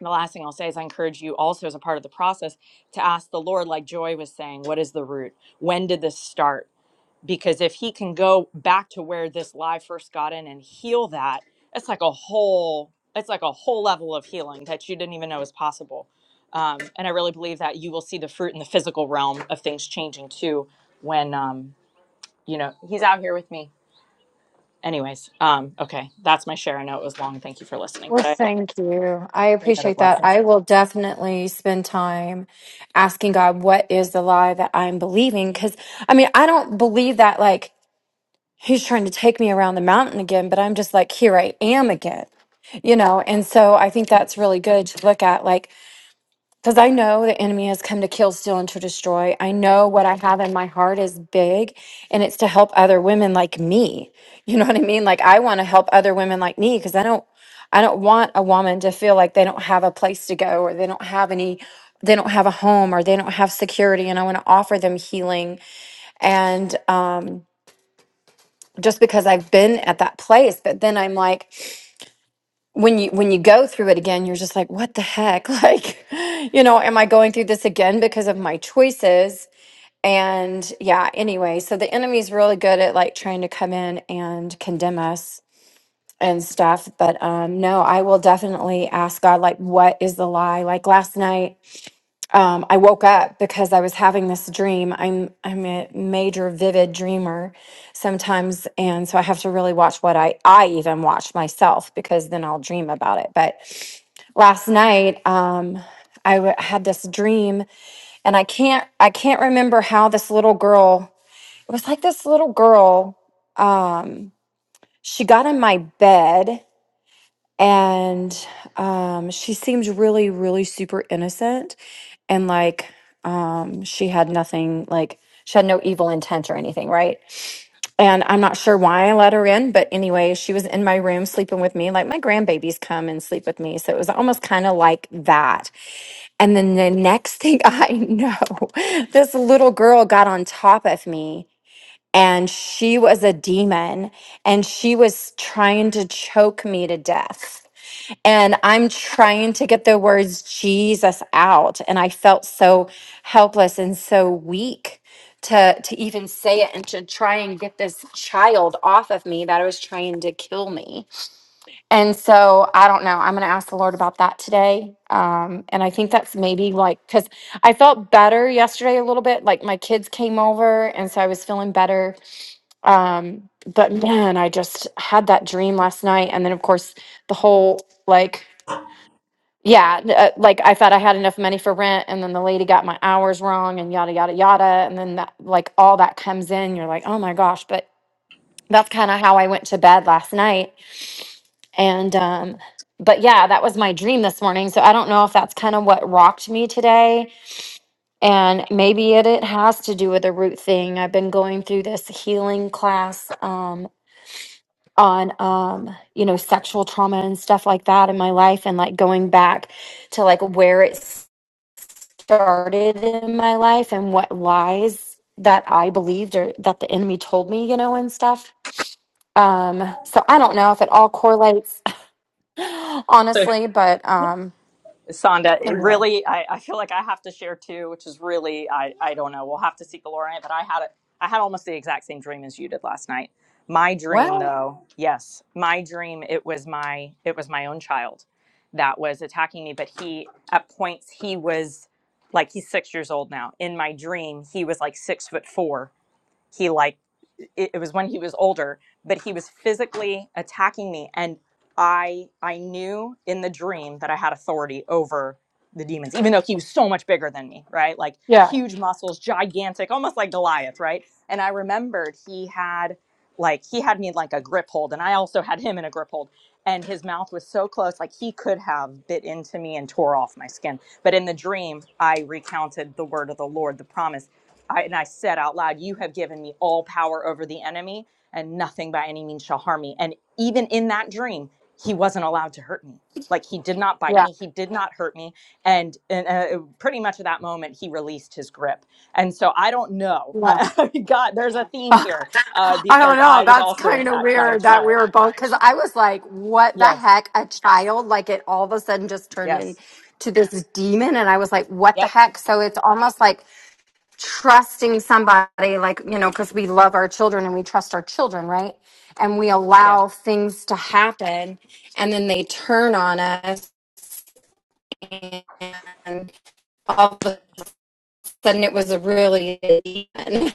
Speaker 4: the last thing i'll say is i encourage you also as a part of the process to ask the lord like joy was saying what is the root when did this start because if he can go back to where this lie first got in and heal that it's like a whole it's like a whole level of healing that you didn't even know was possible um, and i really believe that you will see the fruit in the physical realm of things changing too when um, you know he's out here with me anyways um, okay that's my share i know it was long thank you for listening
Speaker 7: Well,
Speaker 4: but i hope
Speaker 7: thank you. I
Speaker 4: pray that it
Speaker 7: appreciate that.
Speaker 4: blesses
Speaker 7: I will definitely spend time asking God, what is the lie that I'm believing? Because I mean, I don't believe that like He's trying to take me around the mountain again, but I'm just like, here I am again, you know? And so I think that's really good to look at. Like, because I know the enemy has come to kill, steal, and to destroy. I know what I have in my heart is big, and it's to help other women like me. You know what I mean? Like I want to help other women like me because I don't, I don't want a woman to feel like they don't have a place to go or they don't have any, they don't have a home or they don't have security. And I want to offer them healing and um, just because I've been at that place. But then I'm like when you when you go through it again you're just like what the heck like you know am i going through this again because of my choices and yeah anyway so the enemy's really good at like trying to come in and condemn us and stuff but um no i will definitely ask god like what is the lie like last night um, I woke up because I was having this dream. I'm I'm a major vivid dreamer sometimes, and so I have to really watch what I I even watch myself because then I'll dream about it. But last night, um, I w- had this dream, and I can't I can't remember how this little girl. It was like this little girl. Um, she got in my bed and um, she seemed really really super innocent and like um, she had nothing like she had no evil intent or anything right and i'm not sure why i let her in but anyway she was in my room sleeping with me like my grandbabies come and sleep with me so it was almost kind of like that and then the next thing i know this little girl got on top of me and she was a demon and she was trying to choke me to death and I'm trying to get the words Jesus out. And I felt so helpless and so weak to, to even say it and to try and get this child off of me that was trying to kill me. And so I don't know. I'm going to ask the Lord about that today. Um, and I think that's maybe like, because I felt better yesterday a little bit. Like my kids came over, and so I was feeling better. Um, but man, I just had that dream last night. And then, of course, the whole like yeah, n- uh, like I thought I had enough money for rent, and then the lady got my hours wrong, and yada yada yada, and then that like all that comes in. You're like, oh my gosh! But that's kind of how I went to bed last night, and um, but yeah, that was my dream this morning. So I don't know if that's kind of what rocked me today, and maybe it it has to do with the root thing. I've been going through this healing class um on um you know sexual trauma and stuff like that in my life, and like going back to like where it's started in my life and what lies that I believed or that the enemy told me, you know, and stuff. Um, so I don't know if it all correlates,
Speaker 4: So
Speaker 7: honestly, but um,
Speaker 4: Sonda, it really, I, I feel like I have to share too, which is really, I, I don't know. We'll have to seek the Lord on it. But I had a, I had almost the exact same dream as you did last night. My dream, though, yes, my dream. It was my, it was my own child that was attacking me. But he, at points, he was like, he's six years old now. In my dream, he was like six foot four he like it, it was when he was older but he was physically attacking me and i i knew in the dream that i had authority over the demons even though he was so much bigger than me right like
Speaker 7: yeah,
Speaker 4: huge muscles gigantic almost like goliath right and i remembered he had like he had me in like a grip hold and i also had him in a grip hold and his mouth was so close like he could have bit into me and tore off my skin but in the dream i recounted the word of the lord the promise I, and I said out loud, You have given me all power over the enemy, and nothing by any means shall harm me. And even in that dream, he wasn't allowed to hurt me. Like he did not bite
Speaker 7: yeah,
Speaker 4: me, he did not hurt me. And, and uh, uh, pretty much at that moment, he released his grip. And so I don't know.
Speaker 7: yeah.
Speaker 4: God, there's a theme here uh, because I was also attacked by a child. Yes,
Speaker 7: Turned into
Speaker 4: yes.
Speaker 7: this demon, and I was like, "What the
Speaker 4: Yep.
Speaker 7: heck?" So it's almost like trusting somebody, like you know, because we love our children and we trust our children, right? And we
Speaker 4: Yeah.
Speaker 7: allow things to happen, and then they turn on us, and all of a sudden it was a really demon.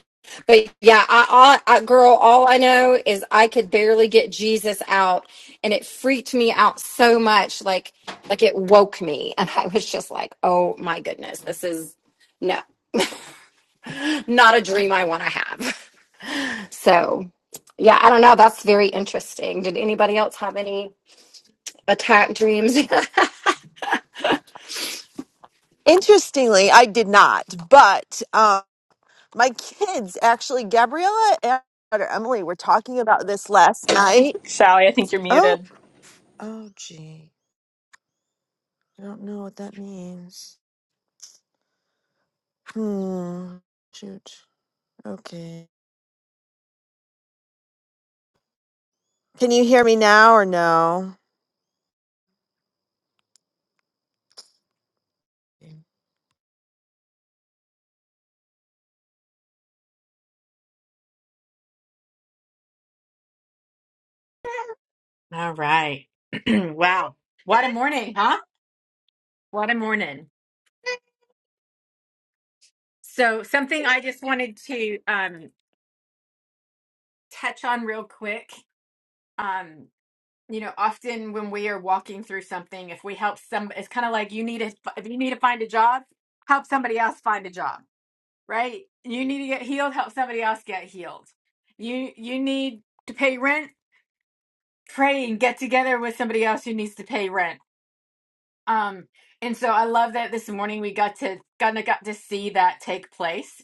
Speaker 7: But yeah, I, I, I girl, all I know is I could barely get Jesus out, and it freaked me out so much, like like it woke me, and I was just like, oh my goodness, this is no not a dream I want to have. So yeah, I don't know. That's very interesting. Did anybody else have any attack dreams?
Speaker 9: Interestingly, I did not, but um, my kids actually, Gabriella and my daughter Emily, were talking about this last night.
Speaker 4: Sally, I think you're
Speaker 9: Oh,
Speaker 4: muted.
Speaker 9: oh, gee, I don't know what that means. Hmm. Shoot. Okay. Can you hear me now or no?
Speaker 1: All right. wow. What a morning, huh? What a morning. So, something I just wanted to um, touch on real quick. Um, you know often when we are walking through something if we help some it's kind of like you need to if you need to find a job help somebody else find a job right you need to get healed help somebody else get healed you you need to pay rent pray and get together with somebody else who needs to pay rent um, and so I love that this morning we got to kind of got to see that take place.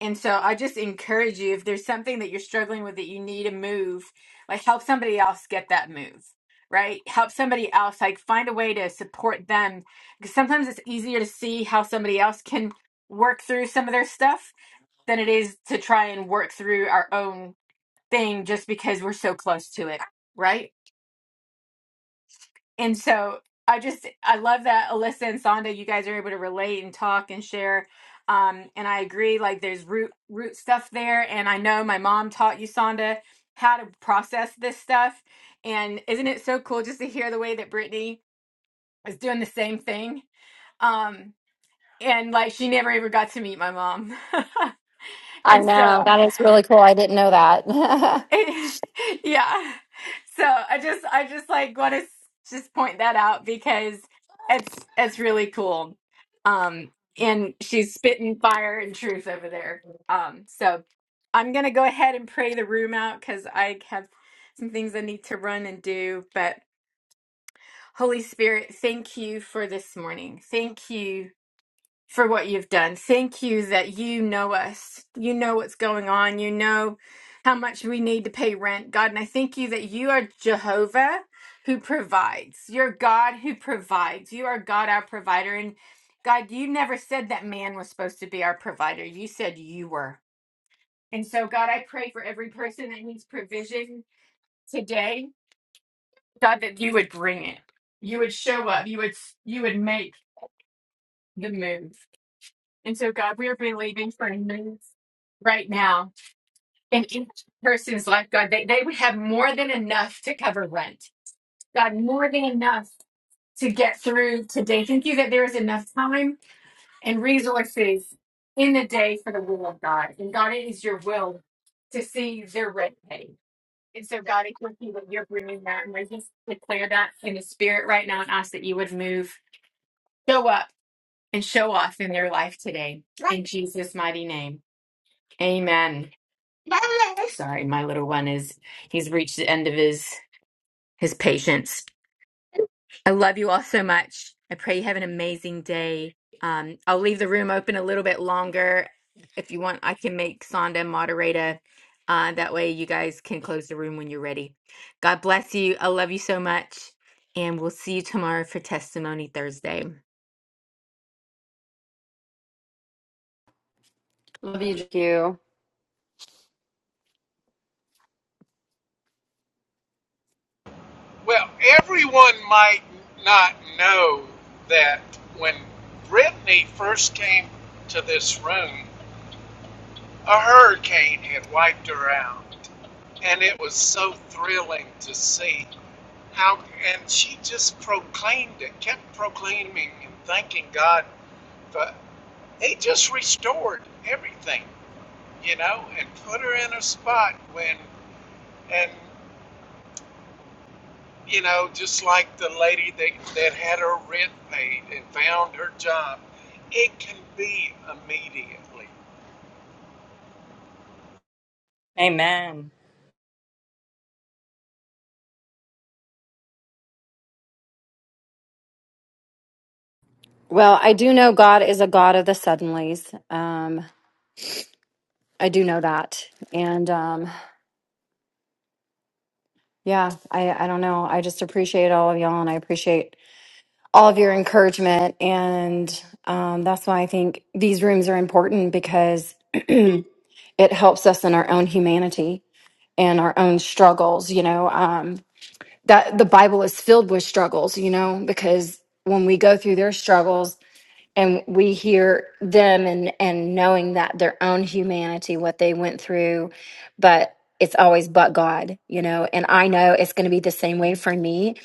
Speaker 1: And so I just encourage you if there's something that you're struggling with that you need a move, like help somebody else get that move, right? Help somebody else, like find a way to support them. Because sometimes it's easier to see how somebody else can work through some of their stuff than it is to try and work through our own thing just because we're so close to it, right? and so I just I love that Alyssa and Sonda, you guys are able to relate and talk and share. Um, and I agree, like there's root root stuff there. And I know my mom taught you, Sonda, how to process this stuff. And isn't it so cool just to hear the way that Brittany is doing the same thing? Um, and like she never ever got to meet my mom.
Speaker 7: I
Speaker 1: and
Speaker 7: know
Speaker 1: so
Speaker 7: that is really cool. I didn't know that.
Speaker 1: It, yeah. So I just I just like want to just point that out because it's it's really cool. Um and she's spitting fire and truth over there. Um so I'm going to go ahead and pray the room out cuz I have some things I need to run and do, but Holy Spirit, thank you for this morning. Thank you for what you've done. Thank you that you know us. You know what's going on. You know how much we need to pay rent, God. And I thank you that you are Jehovah who provides. You're God who provides. You are God, our provider. And God, you never said that man was supposed to be our provider. You said you were. And so, God, I pray for every person that needs provision today, God, that you would bring it. You would show up. You would you would make the move. And so, God, we are believing for a move right now in each person's life, God, they, they would have more than enough to cover rent. God, more than enough to get through today. Thank you that there is enough time and resources in the day for the will of God. And God, it is your will to see their rent paid. And so, God, I thank you that you're bringing that. And I just declare that in the spirit right now and ask that you would move, show up, and show off in their life today. In Jesus' mighty name. Amen. Sorry, my little one is he's reached the end of his his patience. I love you all so much. I pray you have an amazing day. Um, I'll leave the room open a little bit longer. If you want, I can make Sonda moderator. Uh, that way, you guys can close the room when you're ready. God bless you. I love you so much. And we'll see you tomorrow for Testimony Thursday.
Speaker 7: Love you, Q.
Speaker 3: Well, everyone might not know that when Brittany first came to this room, A hurricane had wiped her out, and it was so thrilling to see how. And she just proclaimed it, kept proclaiming and thanking God. But He just restored everything, you know, and put her in a spot when, and you know, just like the lady that that had her rent paid and found her job, it can be immediately.
Speaker 4: Amen.
Speaker 7: Well, I do know God is a God of the suddenlies. Um, I do know that. And um, yeah, I, I don't know. I just appreciate all of y'all and I appreciate all of your encouragement. And um, that's why I think these rooms are important because it helps us in our own humanity and our own struggles. You know, um, that the Bible is filled with struggles, you know, because when we go through their struggles, and we hear them and and knowing that their own humanity what they went through but it's always but god you know and i know it's going to be the same way for me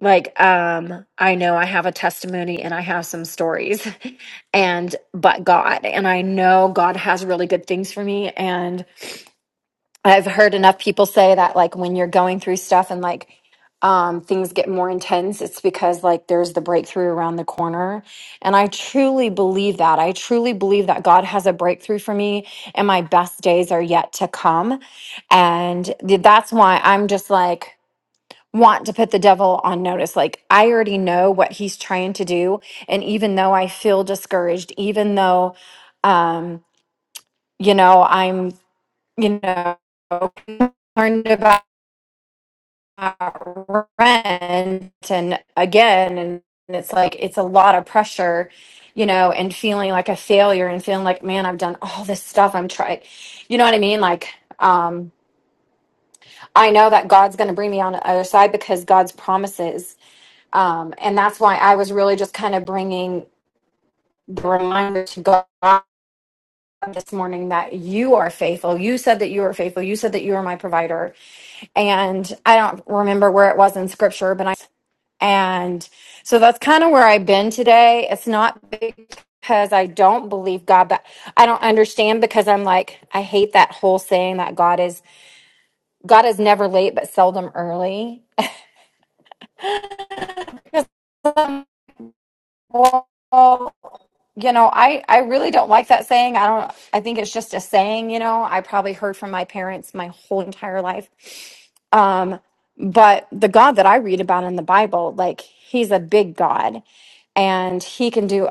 Speaker 7: like um i know i have a testimony and i have some stories and but god and i know god has really good things for me and I've heard enough people say that like when you're going through stuff and like um things get more intense, it's because like there's the breakthrough around the corner. And I truly believe that. I truly believe that God has a breakthrough for me and my best days are yet to come. And th- that's why I'm just like want to put the devil on notice. Like I already know what he's trying to do and even though I feel discouraged, even though um you know, I'm you know, concerned about rent and again, and it's like it's a lot of pressure, you know, and feeling like a failure and feeling like, man, I've done all this stuff. I'm trying, you know what I mean? Like, um, I know that God's going to bring me on the other side because God's promises. Um, and that's why I was really just kind of bringing the reminder to God this morning that you are faithful. You said that you are faithful. You said that you are my provider and I don't remember where it was in scripture, but I and so that's kind of where I've been today. It's not because I don't believe God, but I don't understand because I'm like I hate that whole saying that God is God is never late but seldom early. You know, I I really don't like that saying. I don't I think it's just a saying, you know. I probably heard from my parents my whole entire life. Um, but the God that I read about in the Bible, like he's a big God and he can do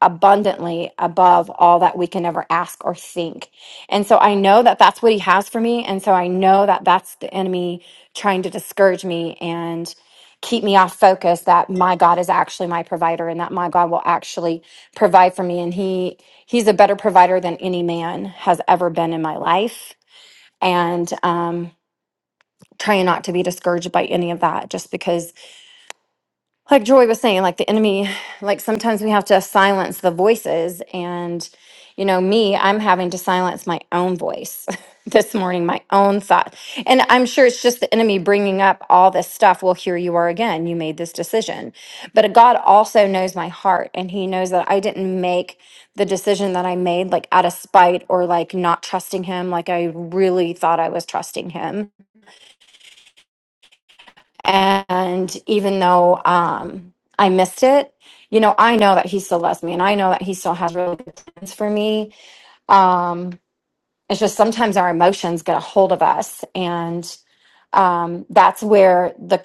Speaker 7: abundantly above all that we can ever ask or think. And so I know that that's what he has for me and so I know that that's the enemy trying to discourage me and keep me off focus that my God is actually my provider and that my God will actually provide for me and he he's a better provider than any man has ever been in my life and um trying not to be discouraged by any of that just because like Joy was saying, like the enemy, like sometimes we have to silence the voices. And, you know, me, I'm having to silence my own voice this morning, my own thought. And I'm sure it's just the enemy bringing up all this stuff. Well, here you are again. You made this decision. But God also knows my heart, and He knows that I didn't make the decision that I made like out of spite or like not trusting Him, like I really thought I was trusting Him and even though um, I missed it, you know, I know that he still loves me and I know that he still has really good plans for me. Um, it's just sometimes our emotions get a hold of us. And um, that's where the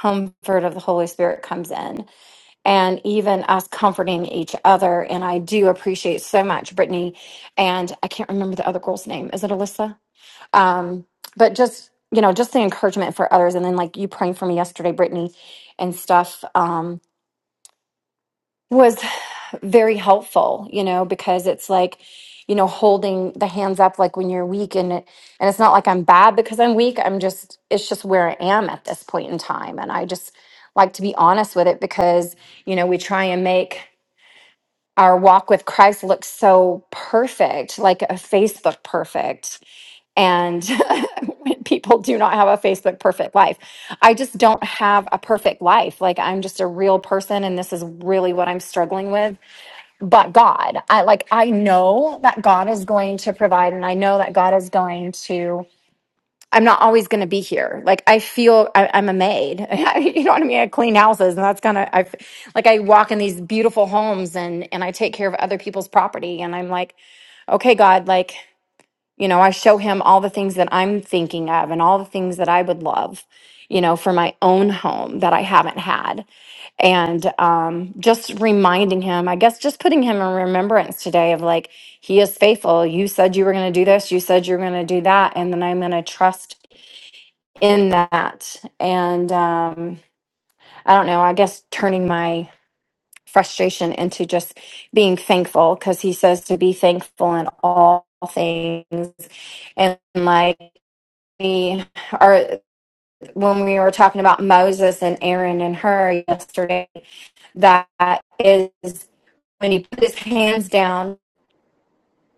Speaker 7: comfort of the Holy Spirit comes in and even us comforting each other. And I do appreciate so much Brittany. And I can't remember the other girl's name. Is it Alyssa? um but just you know just the encouragement for others and then like you praying for me yesterday brittany and stuff um was very helpful you know because it's like you know holding the hands up like when you're weak and it, and it's not like i'm bad because i'm weak i'm just it's just where i am at this point in time and i just like to be honest with it because you know we try and make our walk with Christ looks so perfect, like a Facebook perfect. And when people do not have a Facebook perfect life. I just don't have a perfect life. Like I'm just a real person and this is really what I'm struggling with. But God, I like I know that God is going to provide and I know that God is going to I'm not always going to be here. Like I feel I, I'm a maid. you know what I mean? I clean houses and that's kind of, I. like, I walk in these beautiful homes and, and I take care of other people's property. And I'm like, okay, God, like, you know, I show him all the things that I'm thinking of and all the things that I would love, you know, for my own home that I haven't had. And um, just reminding him, I guess, just putting him in remembrance today of like, he is faithful. You said you were going to do this. You said you were going to do that. And then I'm going to trust in that and um i don't know i guess turning my frustration into just being thankful because he says to be thankful in all things and like we are when we were talking about moses and aaron and her yesterday that is when he put his hands down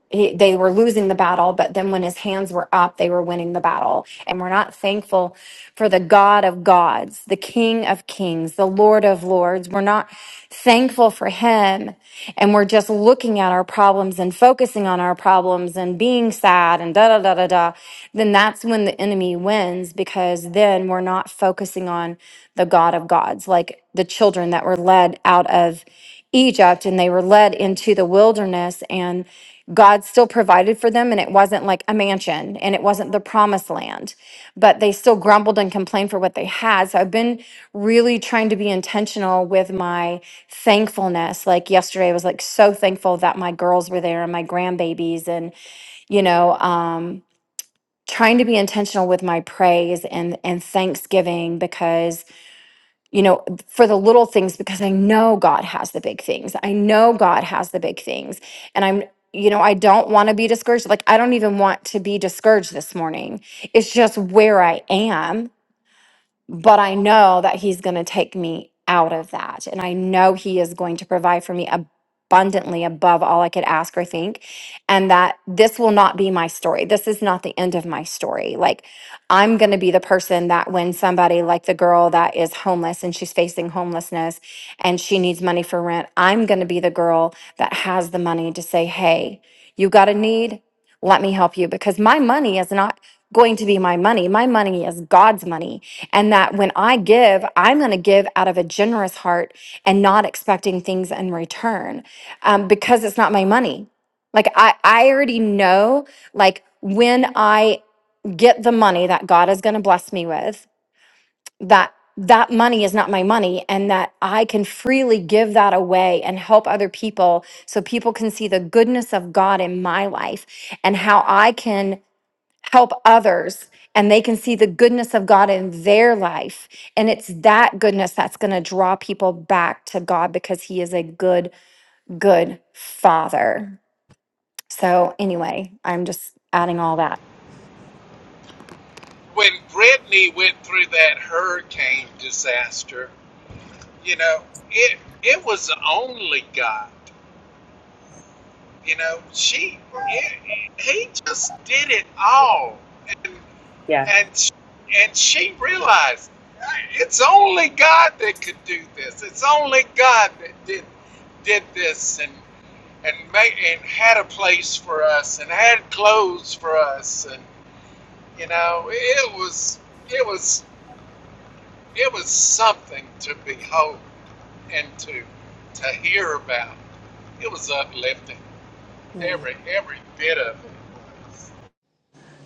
Speaker 7: he, they were losing the battle, but then when his hands were up, they were winning the battle. And we're not thankful for the God of gods, the King of kings, the Lord of lords. We're not thankful for him. And we're just looking at our problems and focusing on our problems and being sad and da da da da da. Then that's when the enemy wins because then we're not focusing on the God of gods, like the children that were led out of Egypt and they were led into the wilderness and God still provided for them, and it wasn't like a mansion and it wasn't the promised land, but they still grumbled and complained for what they had. So I've been really trying to be intentional with my thankfulness. Like yesterday, I was like so thankful that my girls were there and my grandbabies, and you know, um, trying to be intentional with my praise and and thanksgiving because you know, for the little things because I know God has the big things. I know God has the big things. And I'm, you know, I don't want to be discouraged. Like, I don't even want to be discouraged this morning. It's just where I am but I know that He's going to take me out of that. And I know He is going to provide for me abundantly above all I could ask or think. And that this will not be my story. This is not the end of my story. Like, I'm going to be the person that when somebody, like the girl that is homeless and she's facing homelessness and she needs money for rent, I'm going to be the girl that has the money to say, hey, you got a need? Let me help you because my money is not going to be my money. My money is God's money and that when I give, I'm going to give out of a generous heart and not expecting things in return um, because it's not my money. Like I, I already know, like when I get the money that God is going to bless me with, that that money is not my money and that I can freely give that away and help other people so people can see the goodness of God in my life and how I can help others and they can see the goodness of God in their life. And it's that goodness that's going to draw people back to God because He is a good, good Father. So, anyway, I'm just adding all that.
Speaker 3: When Brittany went through that hurricane disaster you know it it was the only guy you know she it, it- he just did it all and
Speaker 4: Yeah.
Speaker 3: and sh- and she realized it's only god that could do this it's only god that did did this and and made and had a place for us and had clothes for us and you know it was it was it was something to behold and to to hear about It was uplifting.
Speaker 4: Hmm.
Speaker 3: Every every bit of it.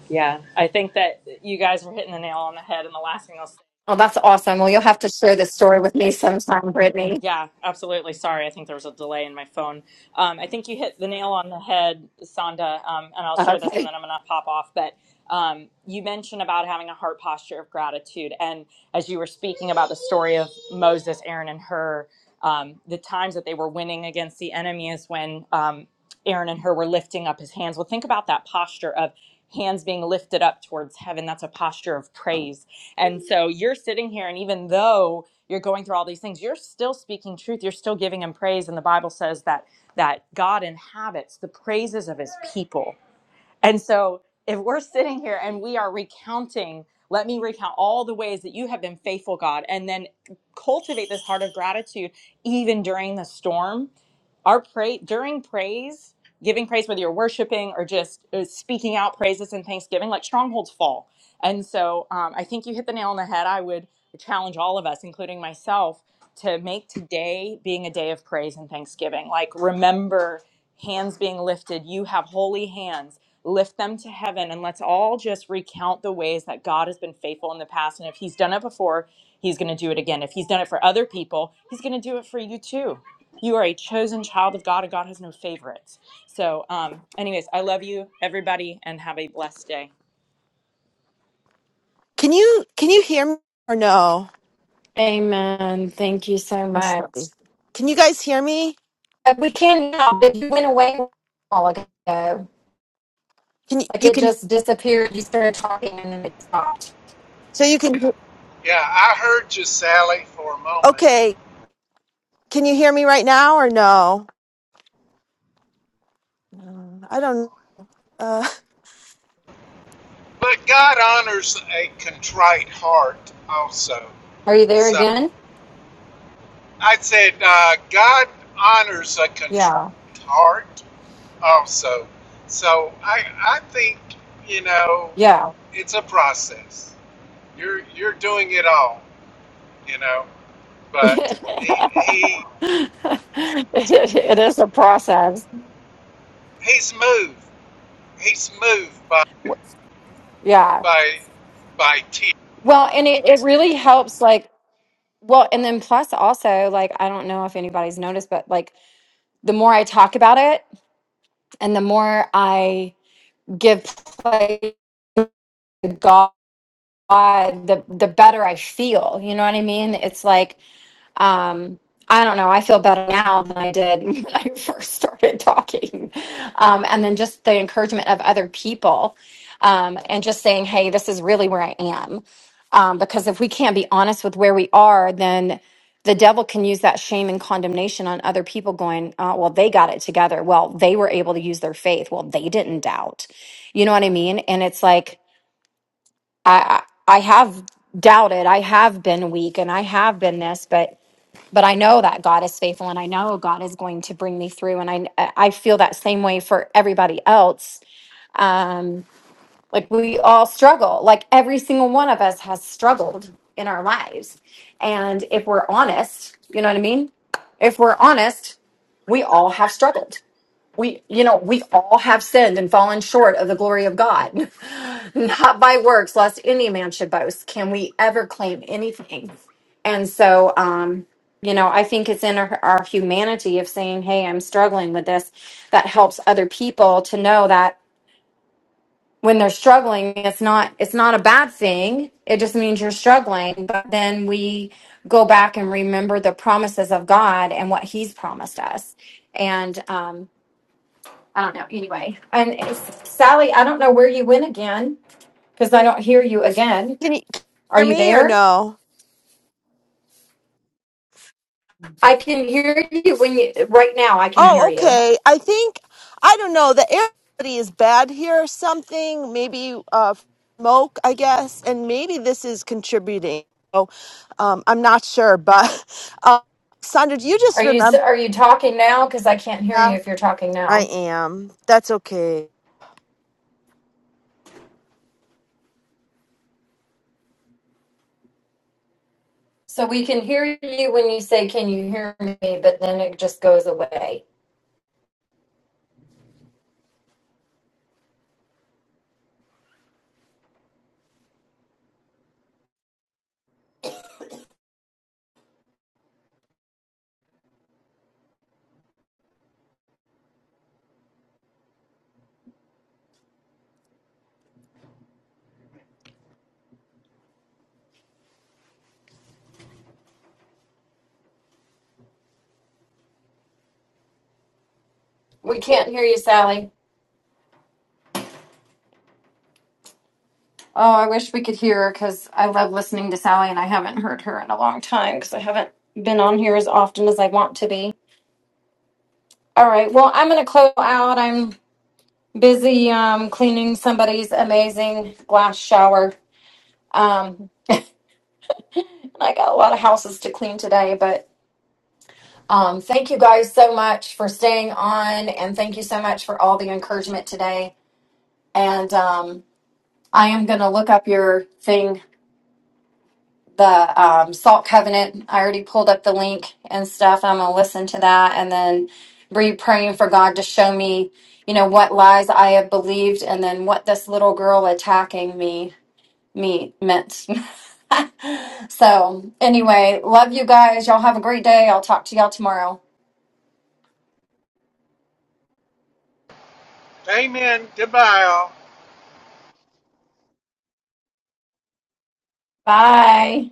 Speaker 4: Yeah, I think that you guys were hitting the nail on the head. And the last thing I'll say,
Speaker 7: Oh, that's awesome. Well, you'll have to share this story with me sometime, Brittany.
Speaker 4: yeah, absolutely. Sorry, I think there was a delay in my phone. Um, I think you hit the nail on the head, Sonda. Um, and I'll share this, and then I'm gonna pop off. But um, you mentioned about having a heart posture of gratitude, and as you were speaking about the story of Moses, Aaron, and her, um, the times that they were winning against the enemy is when um, Aaron and her were lifting up his hands. Well, think about that posture of hands being lifted up towards heaven. That's a posture of praise And so you're sitting here, and even though you're going through all these things, you're still speaking truth. You're still giving him praise. And the Bible says that that God inhabits the praises of his people. And so if we're sitting here and we are recounting, let me recount all the ways that you have been faithful, God, and then cultivate this heart of gratitude even during the storm our pray during praise giving praise whether you're worshiping or just uh, speaking out praises and thanksgiving like strongholds fall and so um, i think you hit the nail on the head i would challenge all of us including myself to make today being a day of praise and thanksgiving like remember hands being lifted you have holy hands lift them to heaven and let's all just recount the ways that god has been faithful in the past and if he's done it before he's going to do it again if he's done it for other people he's going to do it for you too you are a chosen child of God, and God has no favorites. So, um, anyways, I love you, everybody, and have a blessed day.
Speaker 9: Can you can you hear me or no?
Speaker 7: Amen. Thank you so
Speaker 9: Must
Speaker 7: much.
Speaker 9: not be. Can you guys hear me?
Speaker 7: Uh, We can now, but you went away a while ago.
Speaker 9: Can you,
Speaker 7: Like
Speaker 9: you
Speaker 7: it
Speaker 9: can
Speaker 7: just disappeared. You started talking and then it stopped.
Speaker 9: so you can
Speaker 3: Yeah, I heard you, Sally, for a moment.
Speaker 9: okay? Can you hear me right now or no? Uh, I don't. Uh,
Speaker 3: But God honors a contrite heart also.
Speaker 7: Are you there
Speaker 3: So
Speaker 7: again?
Speaker 3: I said, uh, God honors a
Speaker 7: Yeah.
Speaker 3: contrite heart also. So I, I think, you know,
Speaker 7: Yeah.
Speaker 3: it's a process. You're, you're doing it all, you know,
Speaker 7: it
Speaker 3: but he, he,
Speaker 7: it is a process.
Speaker 3: he's moved. He's moved by.
Speaker 7: Yeah.
Speaker 3: by by T.
Speaker 7: Well, and it, it really helps like well, and then plus also like I don't know if anybody's noticed, but like the more I talk about it and the more I give play to God, the the better I feel. You know what I mean? It's like um i don't know i feel better now than i did when i first started talking um and then just the encouragement of other people um and just saying hey this is really where i am um because if we can't be honest with where we are then the devil can use that shame and condemnation on other people going uh, well they got it together well they were able to use their faith well they didn't doubt you know what i mean and it's like i i I have doubted i have been weak and i have been this but but I know that God is faithful and I know God is going to bring me through. And I, I feel that same way for everybody else. Um, like we all struggle, like every single one of us has struggled in our lives. And if we're honest, you know what I mean? If we're honest, we all have struggled we you know we all have sinned and fallen short of the glory of god not by works lest any man should boast can we ever claim anything and so um you know i think it's in our, our humanity of saying hey i'm struggling with this that helps other people to know that when they're struggling it's not it's not a bad thing it just means you're struggling but then we go back and remember the promises of god and what he's promised us and um I don't know. Anyway, and it's- Sally, I don't know where you went again because I don't hear you again.
Speaker 9: Can you can you
Speaker 7: Are
Speaker 9: hear
Speaker 7: you
Speaker 9: me or
Speaker 7: there?
Speaker 9: no?
Speaker 7: I can hear you when you right now. I can hear
Speaker 9: Oh,
Speaker 7: you.
Speaker 9: okay. I think I don't know. The air quality is bad here or something. Maybe uh, smoke, I guess, and maybe this is contributing. So um, I'm not sure, but uh, Sandra, do you just
Speaker 7: Are you s-
Speaker 9: remember?
Speaker 7: are you talking now? Because I can't hear you
Speaker 9: that?
Speaker 7: if you're talking
Speaker 9: I
Speaker 7: now.
Speaker 9: am. That's okay.
Speaker 7: So we can hear you when you say, "Can you hear me?" But then it just goes away. We can't hear you, Sally. Oh, I wish we could hear her because I love listening to Sally, and I haven't heard her in a long time because I haven't been on here as often as I want to be. All right. Well, I'm going to close out. I'm busy um, cleaning somebody's amazing glass shower. Um, and I got a lot of houses to clean today, but um, thank you guys so much for staying on, and thank you so much for all the encouragement today. And um, I am going to look up your thing, the um, Salt Covenant. I already pulled up the link and stuff. I'm going to listen to that, and then be praying for God to show me, you know, what lies I have believed, and then what this little girl attacking me me meant. so, anyway, love you guys. Y'all have a great day. I'll talk to y'all tomorrow.
Speaker 3: Amen. Goodbye, all.
Speaker 7: Bye.